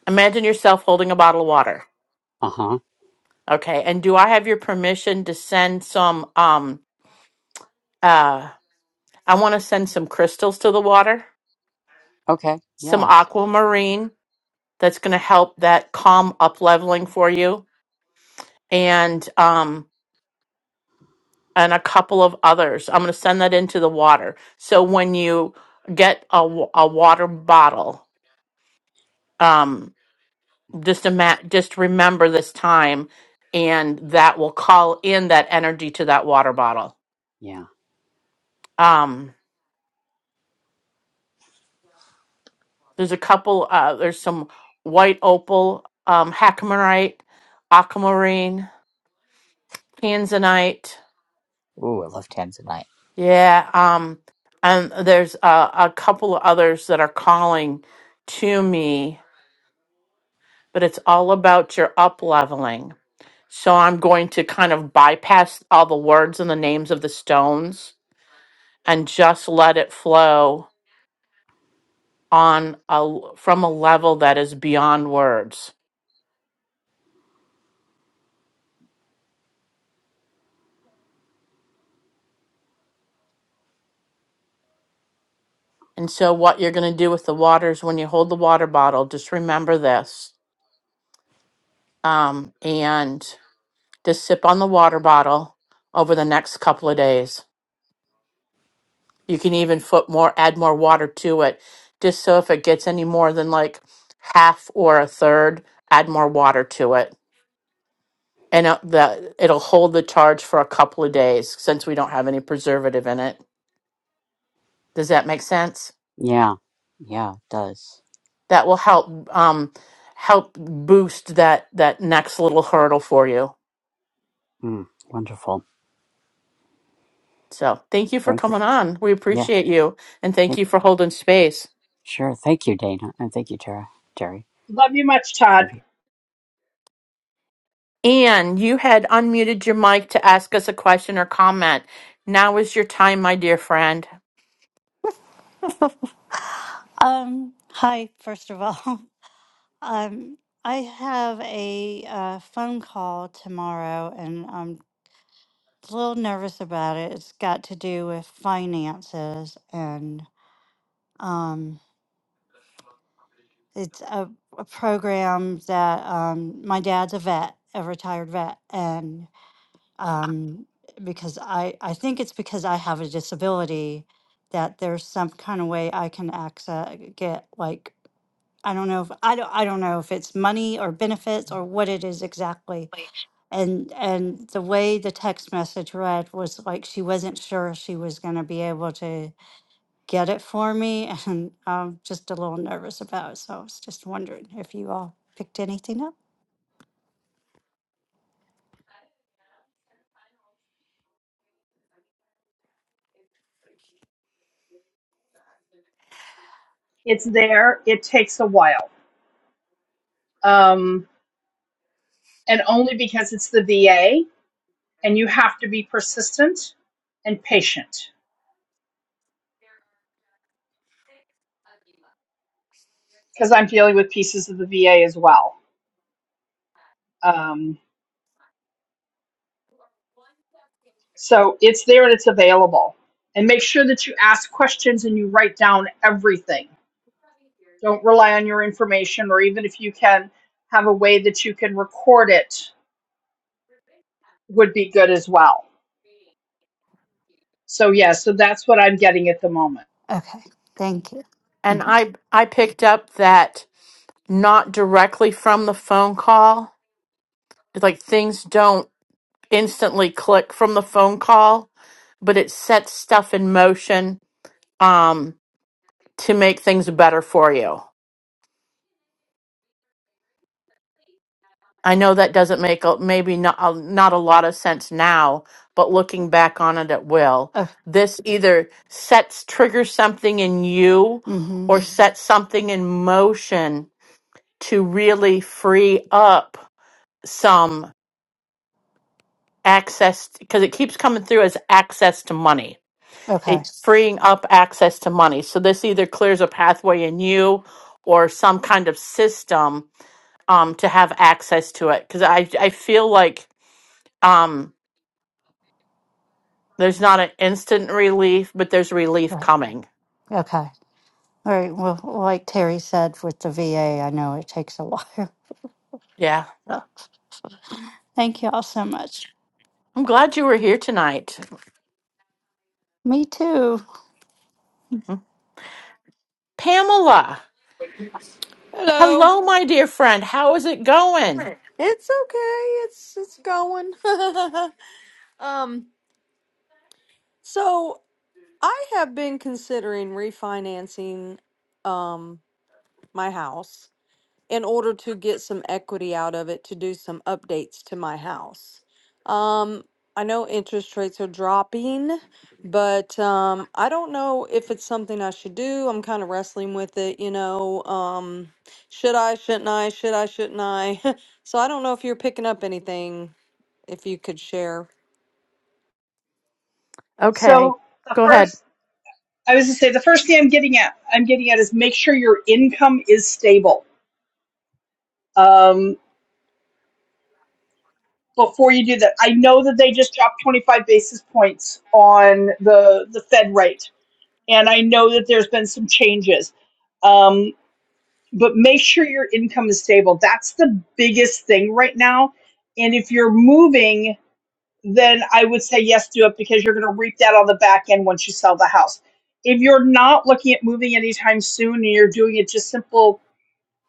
Speaker 1: imagine yourself holding a bottle of water.
Speaker 5: Uh huh.
Speaker 1: Okay, and do I have your permission to send some um uh I want to send some crystals to the water?
Speaker 5: Okay.
Speaker 1: some
Speaker 5: Yeah.
Speaker 1: aquamarine that's going to help that calm up leveling for you and um and a couple of others i'm going to send that into the water so when you get a, wa- a water bottle um just a ima- just remember this time and that will call in that energy to that water bottle
Speaker 5: Yeah.
Speaker 1: um there's a couple uh there's some white opal um hackamarite aquamarine tanzanite
Speaker 5: Ooh, I love Tanzanite.
Speaker 1: Yeah, um, and there's a, a couple of others that are calling to me, but it's all about your up leveling. So I'm going to kind of bypass all the words and the names of the stones and just let it flow on a from a level that is beyond words. And so what you're going to do with the waters when you hold the water bottle, just remember this. Um, and just sip on the water bottle over the next couple of days. You can even put more, add more water to it, just so if it gets any more than like half or a third, add more water to it. And it, the, it'll hold the charge for a couple of days since we don't have any preservative in it. Does that make sense?
Speaker 5: Yeah. Yeah. It does.
Speaker 1: That will help um, help boost that that next little hurdle for you.
Speaker 5: Mm, wonderful.
Speaker 1: So thank you for
Speaker 5: Thank you.
Speaker 1: coming on. We
Speaker 5: Yeah.
Speaker 1: appreciate you, and thank
Speaker 5: Thank
Speaker 1: you for holding space.
Speaker 5: Sure. Thank you, Dana. And thank you, Tara. Terry.
Speaker 2: Love you much, Todd.
Speaker 5: Love you.
Speaker 1: Anne, you had unmuted your mic to ask us a question or comment. Now is your time, my dear friend.
Speaker 6: Um, hi, first of all. Um, I have a uh, phone call tomorrow and I'm a little nervous about it. It's got to do with finances and um, it's a, a program that um, my dad's a vet, a retired vet, and um, because I, I think it's because I have a disability that there's some kind of way I can access get like I don't know if I don't I don't know if it's money or benefits or what it is exactly. And and the way the text message read was like she wasn't sure she was going to be able to get it for me, and I'm just a little nervous about it. So I was just wondering if you all picked anything up.
Speaker 2: It's there. It takes a while. Um, and only because it's the VA and you have to be persistent and patient because I'm dealing with pieces of the VA as well. Um, so it's there and it's available. And make sure that you ask questions and you write down everything. Don't rely on your information, or even if you can, have a way that you can record it would be good as well. So yeah, so that's what I'm getting at the moment.
Speaker 6: Okay, thank you.
Speaker 1: And
Speaker 6: Mm-hmm.
Speaker 1: I I picked up that not directly from the phone call. It's Like things don't instantly click from the phone call, but it sets stuff in motion um to make things better for you. I know that doesn't make a- maybe not a, not a lot of sense now, but looking back on it, it will.
Speaker 6: Oh,
Speaker 1: This either sets triggers something in you,
Speaker 6: mm-hmm.
Speaker 1: or Mhm. sets something in motion to really free up some access because it keeps coming through as access to money.
Speaker 6: Okay,
Speaker 1: It's freeing up access to money. So this either clears a pathway in you, or some kind of system um, to have access to it. Because I I feel like. Um, There's not an instant relief, but there's relief
Speaker 6: right.
Speaker 1: coming.
Speaker 6: Okay, all right. Well, like Terry said with the VA, I know it takes a while.
Speaker 1: Yeah.
Speaker 6: So thank you all so much.
Speaker 1: I'm glad you were here tonight.
Speaker 6: Me too.
Speaker 1: Mm. Pamela,
Speaker 7: Hello.
Speaker 1: hello, my dear friend. How is it going?
Speaker 7: It's okay. It's it's going. um so I have been considering refinancing um my house in order to get some equity out of it to do some updates to my house. Um I know interest rates are dropping, but um I don't know if it's something I should do. I'm kind of wrestling with it, you know. Um should I, shouldn't I, should I, shouldn't I? So I don't know if you're picking up anything if you could share.
Speaker 1: Okay,
Speaker 2: So the
Speaker 1: go ahead.
Speaker 2: first, I was to say, the first thing I'm getting at, I'm getting at is make sure your income is stable um, before you do that. I know that they just dropped 25 basis points on the the Fed rate, and I know that there's been some changes. Um, but make sure your income is stable. That's the biggest thing right now. And if you're moving then I would say yes, do it because you're going to reap that on the back end once you sell the house. If you're not looking at moving anytime soon and you're doing it just simple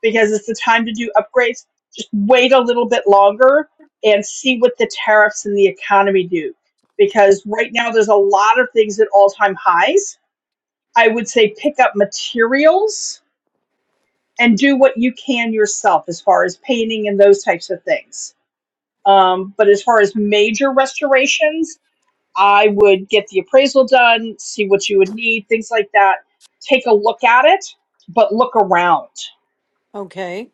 Speaker 2: because it's the time to do upgrades, just wait a little bit longer and see what the tariffs and the economy do. Because right now there's a lot of things at all time highs. I would say pick up materials and do what you can yourself as far as painting and those types of things. Um, but as far as major restorations, I would get the appraisal done, see what you would need, things like that. Take a look at it, but look around.
Speaker 7: Okay.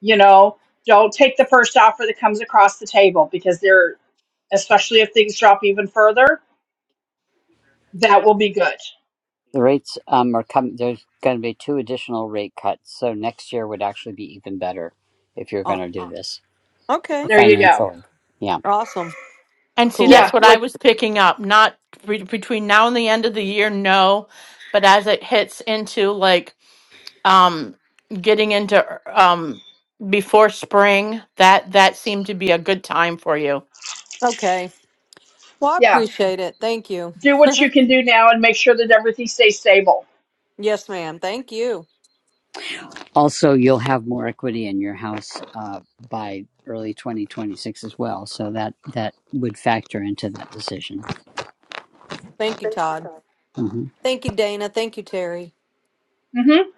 Speaker 2: You know, don't take the first offer that comes across the table because they're, especially if things drop even further, that will be good.
Speaker 5: The rates um, are coming. There's going to be two additional rate cuts. So next year would actually be even better if you're
Speaker 7: Uh,
Speaker 5: going to do this
Speaker 7: Okay.
Speaker 2: There you go.
Speaker 5: financially. Yeah.
Speaker 7: Awesome.
Speaker 1: And see,
Speaker 7: Cool.
Speaker 1: that's
Speaker 2: Yeah,
Speaker 1: what I
Speaker 2: like,
Speaker 1: was picking up. Not re- between now and the end of the year, no, but as it hits into like um getting into um before spring, that that seemed to be a good time for you.
Speaker 7: Okay. Well, I
Speaker 2: yeah,
Speaker 7: appreciate it. Thank you.
Speaker 2: do what you can do now and make sure that everything stays stable.
Speaker 7: Yes, ma'am. Thank you.
Speaker 5: Also, you'll have more equity in your house uh, by early 2026 as well. So that, that would factor into that decision.
Speaker 7: Thank you, Todd.
Speaker 5: hmm
Speaker 7: Thank you, Dana. Thank you, Terry.
Speaker 2: Mm-hmm.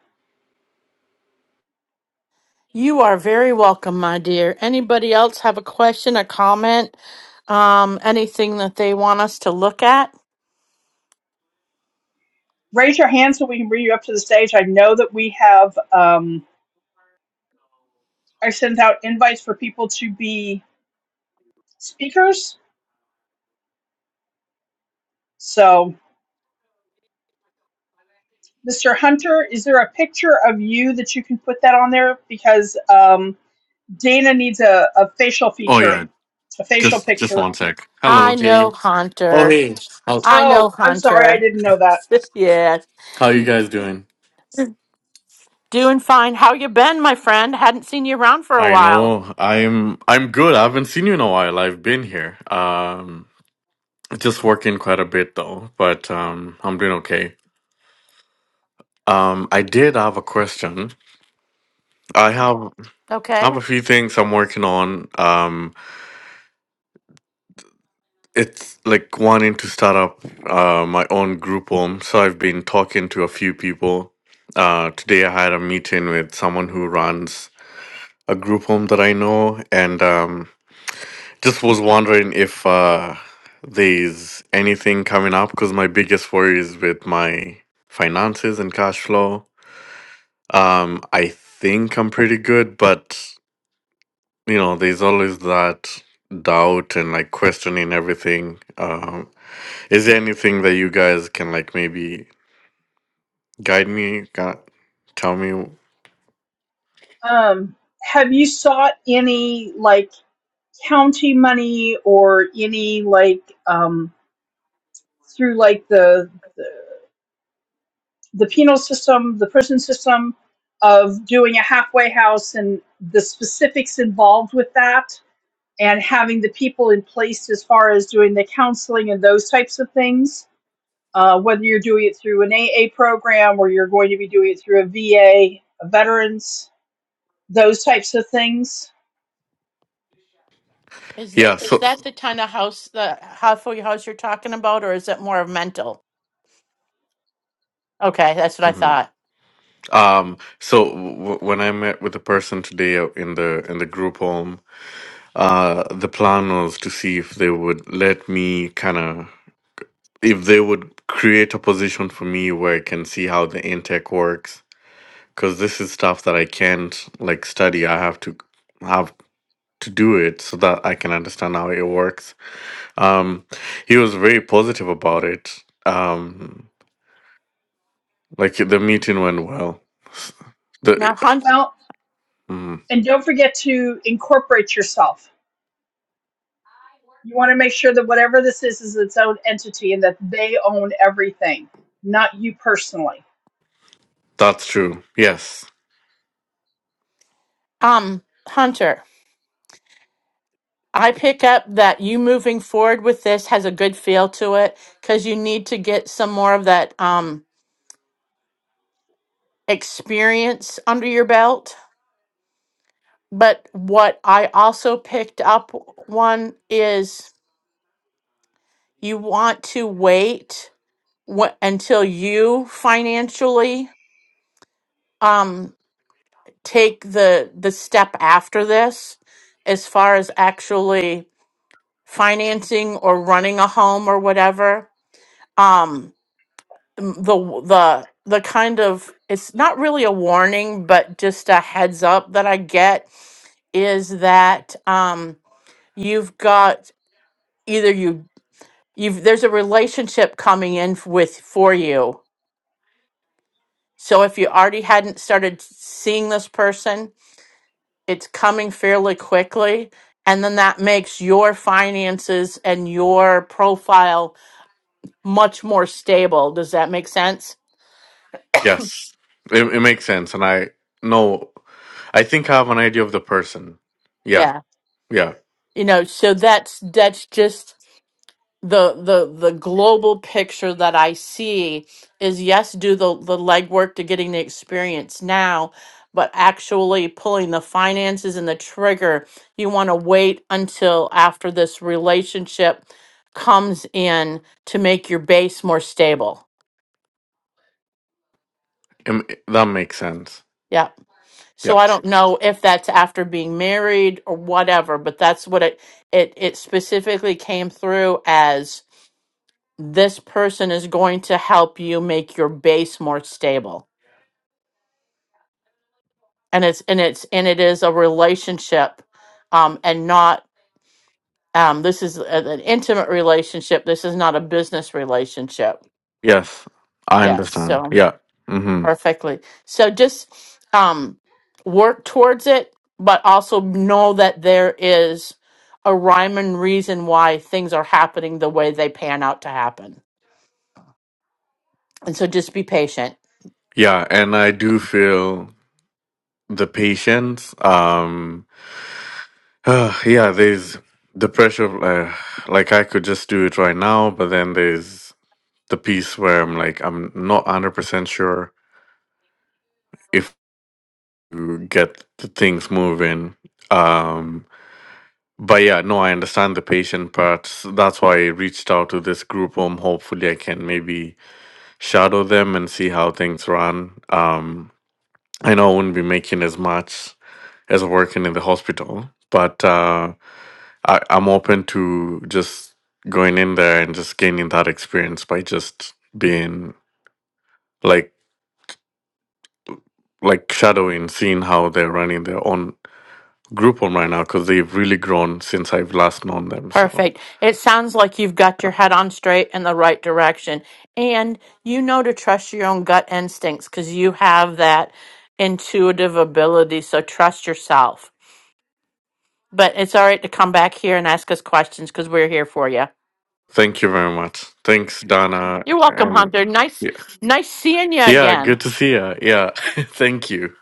Speaker 1: You are very welcome, my dear. Anybody else have a question, a comment, um, anything that they want us to look at?
Speaker 2: Raise your hand so we can bring you up to the stage. I know that we have, um, I sent out invites for people to be speakers. So, Mr. Hunter, is there a picture of you that you can put that on there? Because um, Dana needs a, a facial
Speaker 8: Oh
Speaker 2: feature,
Speaker 8: yeah,
Speaker 2: a facial
Speaker 8: just just
Speaker 2: picture.
Speaker 8: one sec. Hello,
Speaker 1: I
Speaker 8: hey.
Speaker 1: know
Speaker 8: Oh
Speaker 1: Hunter.
Speaker 8: hey, how
Speaker 1: I know
Speaker 2: Oh, I'm sorry, I
Speaker 1: Hunter.
Speaker 2: didn't know that.
Speaker 1: yeah,
Speaker 8: how you guys doing?
Speaker 1: doing fine. How you been, my friend? Hadn't seen you around for a
Speaker 8: I
Speaker 1: while.
Speaker 8: know I'm I'm good. I haven't seen you in a while. I've been here. Um, just working quite a bit though, but um, I'm doing okay. Um, I did have a question. I have I
Speaker 1: Okay.
Speaker 8: have a few things I'm working on. Um, it's like wanting to start up uh my own group home. So I've been talking to a few people. Uh, today I had a meeting with someone who runs a group home that I know, and um, just was wondering if uh, there's anything coming up because my biggest worry is with my finances and cash flow. Um, I think I'm pretty good, but you know, there's always that doubt and like questioning everything. Um, is there anything that you guys can like maybe guide me, gu- tell me?
Speaker 2: Um, have you sought any like county money or any like um, through like the, the the penal system, the prison system, of doing a halfway house and the specifics involved with that? and having the people in place as far as doing the counseling and those types of things, uh, whether you're doing it through an AA program or you're going to be doing it through a VA, veterans, those types of things.
Speaker 1: Is that
Speaker 8: Yeah,
Speaker 1: is
Speaker 8: so.
Speaker 1: that the kind of house the halfway house you're talking about, or is it more of mental? Okay, that's what I
Speaker 8: mm-hmm.
Speaker 1: thought.
Speaker 8: Um, so w- when I met with a person today uh, in the in the group home, uh, the plan was to see if they would let me kind of if they would create a position for me where I can see how the intake works, because this is stuff that I can't like study. I have to have to do it so that I can understand how it works. Um, he was very positive about it. Um, like the meeting went well. The
Speaker 1: Now, Hunt,
Speaker 2: Well,
Speaker 8: mm,
Speaker 2: and don't forget to incorporate yourself. You want to make sure that whatever this is is its own entity and that they own everything, not you personally.
Speaker 8: that's true. Yes.
Speaker 1: um, Hunter. I pick up that you moving forward with this has a good feel to it because you need to get some more of that um, experience under your belt. But what I also picked up one is you want to wait wh- until you financially um, take the the step after this, as far as actually financing or running a home or whatever. Um, m- the w- the the kind of it's not really a warning but just a heads up that i get is that um you've got either you you've there's a relationship coming in f- with for you so if you already hadn't started seeing this person it's coming fairly quickly and then that makes your finances and your profile much more stable does that make sense
Speaker 8: Yes, it, it makes sense, and I know. I think I have an idea of the person. Yeah,
Speaker 1: yeah
Speaker 8: yeah,
Speaker 1: you know so that's that's just the the the global picture that I see is yes, do the the legwork to getting the experience now, but actually pulling the finances and the trigger, you want to wait until after this relationship comes in to make your base more stable.
Speaker 8: Im- that makes sense.
Speaker 1: Yeah.
Speaker 8: Yeah.
Speaker 1: So I don't know if that's after being married or whatever, but that's what it it it specifically came through this person is going to help you make your base more stable and it's and it's and it is a relationship um and not um this is a- an intimate relationship this is not a business relationship
Speaker 8: Yes, I
Speaker 1: yes
Speaker 8: understand.
Speaker 1: so
Speaker 8: Yeah. Mm-hmm.
Speaker 1: perfectly so just um work towards it but also know that there is a rhyme and reason why things are happening the way they pan out to happen And so just be patient.
Speaker 8: Yeah, and I do feel the patience. Um. yeah, there's the pressure of uh, like I could just do it right now, but then there's the piece where I'm like I'm not one hundred percent sure if you get the things moving. Um But yeah, no, I understand the patient part. S- That's why I reached out to this group home. Hopefully, I can maybe shadow them and see how things run. Um, I know I wouldn't be making as much as working in the hospital, but uh, I, I'm open to just going in there and just gaining that experience by just being like like shadowing, seeing how they're running their own group home right now because they've really grown since I've last known them. So.
Speaker 1: Perfect. It sounds like you've got your head on straight in the right direction. And you know to trust your own gut instincts because you have that intuitive ability. So trust yourself. But it's all right to come back here and ask us questions because we're here for you.
Speaker 8: Thank you very much. Thanks, Donna.
Speaker 1: You're welcome,
Speaker 8: And
Speaker 1: Hunter. Nice,
Speaker 8: yeah,
Speaker 1: nice seeing you
Speaker 8: yeah
Speaker 1: again.
Speaker 8: good to see you. Yeah, thank you.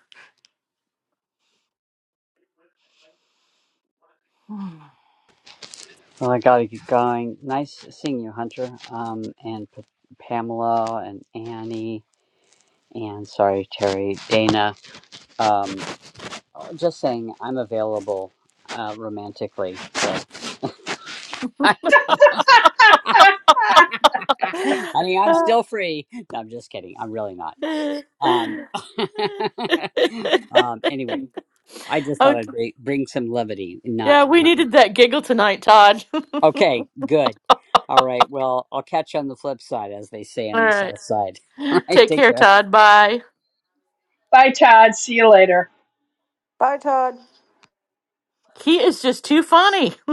Speaker 5: Well, I got to get going. Nice seeing you, Hunter, um, and P- Pamela, and Annie, and sorry, Terry, Dana. um. just saying I'm available uh, romantically. So, I mean, I'm still free. No, I'm just kidding. I'm really not. Um, um, anyway, I just thought
Speaker 1: oh,
Speaker 5: I'd bring, bring some levity. Not,
Speaker 1: yeah, we
Speaker 5: not
Speaker 1: needed that giggle tonight, Todd. All
Speaker 5: okay. Good. All right. Well, I'll catch you on the flip side, as they say on the
Speaker 1: right.
Speaker 5: south side. All right.
Speaker 1: Take
Speaker 5: Take
Speaker 1: care,
Speaker 5: care.
Speaker 1: Todd. Bye.
Speaker 2: Bye, Todd. See you later.
Speaker 7: Bye, Todd.
Speaker 1: He is just too funny.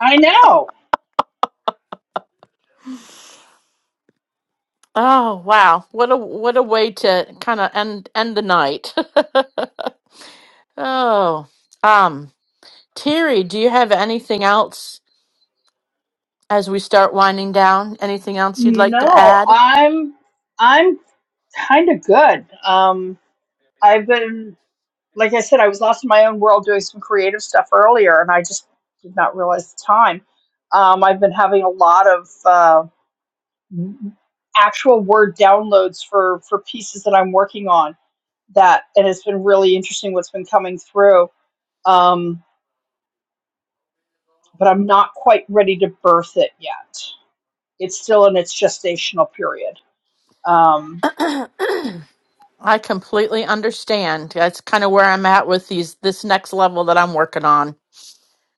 Speaker 2: I know.
Speaker 1: Oh, wow. What a what a way to kind of end end the night. oh. Um, Terry, do you have anything else as we start winding down? Anything else you'd like to
Speaker 2: No,
Speaker 1: add?
Speaker 2: I'm I'm kind of good. Um, I've been, like I said, I was lost in my own world doing some creative stuff earlier, and I just did not realize the time. Um, I've been having a lot of uh, actual word downloads for for pieces that I'm working on. That and it's been really interesting what's been coming through. Um, but I'm not quite ready to birth it yet. It's still in its gestational period. Um,
Speaker 1: I completely understand. That's kind of where I'm at with these this next level that I'm working on.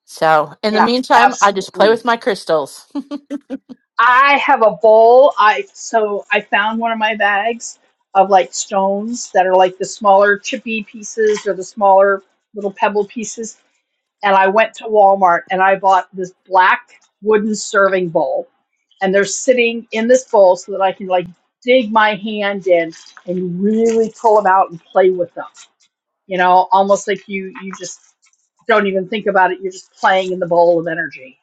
Speaker 1: So, in the
Speaker 2: yeah,
Speaker 1: meantime, I just play
Speaker 2: absolutely
Speaker 1: with my crystals.
Speaker 2: I have a bowl. I so I found one of my bags of like stones that are like the smaller chippy pieces or the smaller little pebble pieces. And I went to Walmart and I bought this black wooden serving bowl. And they're sitting in this bowl so that I can like dig my hand in and really pull them out and play with them. You know, almost like you you just don't even think about it. You're just playing in the bowl of energy.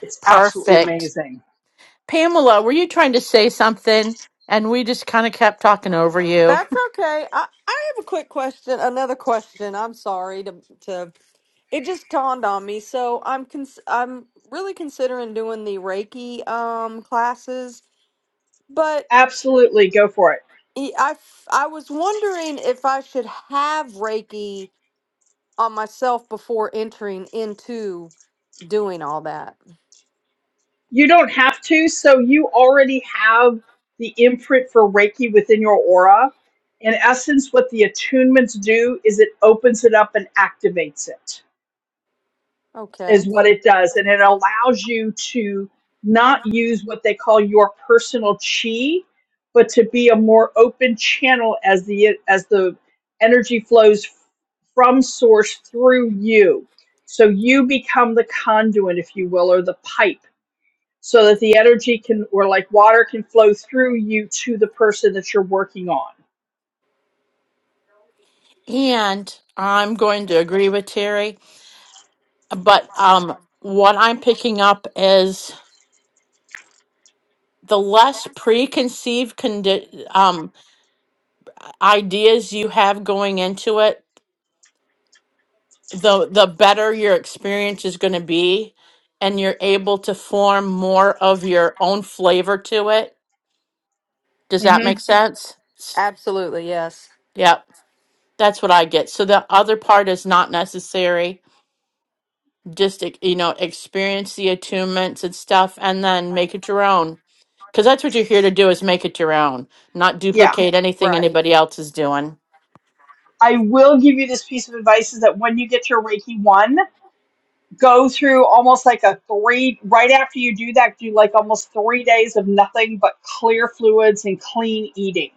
Speaker 2: It's absolutely
Speaker 1: Perfect.
Speaker 2: amazing.
Speaker 1: Pamela, were you trying to say something? And we just kind of kept talking over you.
Speaker 7: That's okay. I, I have a quick question. Another question. I'm sorry to to. It just dawned on me. So I'm cons- I'm really considering doing the Reiki um classes, but
Speaker 2: Absolutely, go for it.
Speaker 7: I I f- I was wondering if I should have Reiki on myself before entering into doing all that.
Speaker 2: You don't have to. So you already have the imprint for Reiki within your aura. In essence, what the attunements do is it opens it up and activates it, is
Speaker 7: Okay.
Speaker 2: what it does. And it allows you to not use what they call your personal chi, but to be a more open channel as the as the energy flows from source through you. So you become the conduit, if you will, or the pipe so that the energy can or like water can flow through you to the person that you're working on.
Speaker 1: And I'm going to agree with Terry. But um, what I'm picking up is the less preconceived condi- um, ideas you have going into it, the the better your experience is going to be and you're able to form more of your own flavor to it does that
Speaker 2: hmm
Speaker 1: make Mhm. sense S-
Speaker 7: Absolutely. Yes.
Speaker 1: yep that's what i get so the other part is not necessary just e- you know experience the attunements and stuff and then make it your own because that's what you're here to do is make it your own not
Speaker 2: Yeah.
Speaker 1: duplicate anything
Speaker 7: Right.
Speaker 1: anybody else is doing
Speaker 2: I will give you this piece of advice is that when you get your Reiki one, go through almost like a three right after you do that, do like almost three days of nothing but clear fluids and clean eating.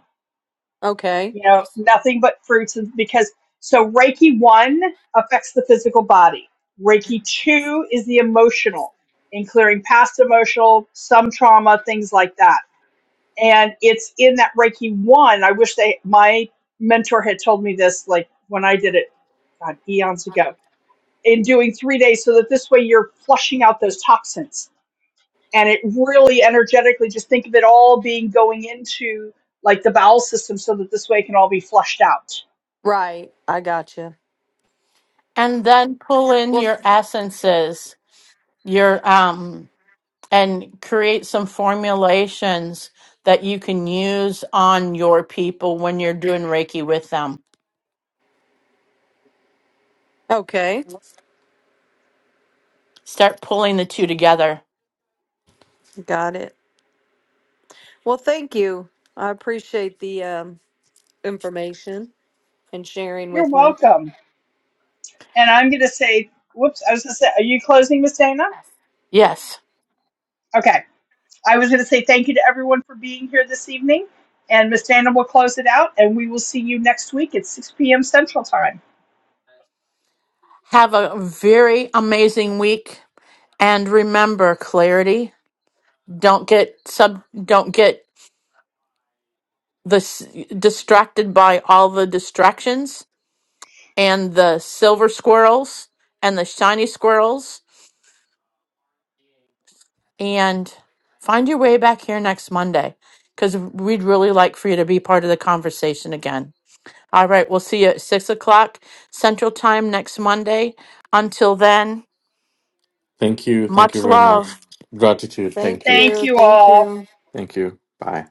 Speaker 7: Okay.
Speaker 2: You know, nothing but fruits and because so Reiki one affects the physical body. Reiki two is the emotional, in clearing past emotional, some trauma, things like that and it's in that Reiki one. I wish they my mentor had told me this like when I did it God, eons ago in doing three days, so that this way you're flushing out those toxins and it really energetically just think of it all being going into like the bowel system, so that this way it can all be flushed out.
Speaker 7: Right. I got you.
Speaker 1: and then pull in
Speaker 7: Well,
Speaker 1: your
Speaker 7: th-
Speaker 1: essences your um and create some formulations that you can use on your people when you're doing reiki with them
Speaker 7: okay.
Speaker 1: start pulling the two together
Speaker 7: Got it. Well, thank you. I appreciate the um, information and sharing
Speaker 2: You're
Speaker 7: with me.
Speaker 2: welcome. And I'm gonna say, whoops, I was gonna say, are you closing, Miss Dana?
Speaker 1: yes
Speaker 2: Okay I was going to say thank you to everyone for being here this evening. And Miss Dana will close it out, and we will see you next week at 6 p.m. Central Time.
Speaker 1: have a very amazing week and remember clarity don't get sub don't get this distracted by all the distractions and the silver squirrels and the shiny squirrels and find your way back here next Monday because we'd really like for you to be part of the conversation again. All right, we'll see you at six o'clock Central Time next Monday. Until then,
Speaker 8: Thank you. Thank you
Speaker 1: much
Speaker 8: very
Speaker 1: love.
Speaker 8: much. Gratitude. Thank
Speaker 7: Thank
Speaker 8: you.
Speaker 2: Thank
Speaker 7: you.
Speaker 2: you
Speaker 7: Thank
Speaker 2: all.
Speaker 7: you.
Speaker 8: Thank you. Bye.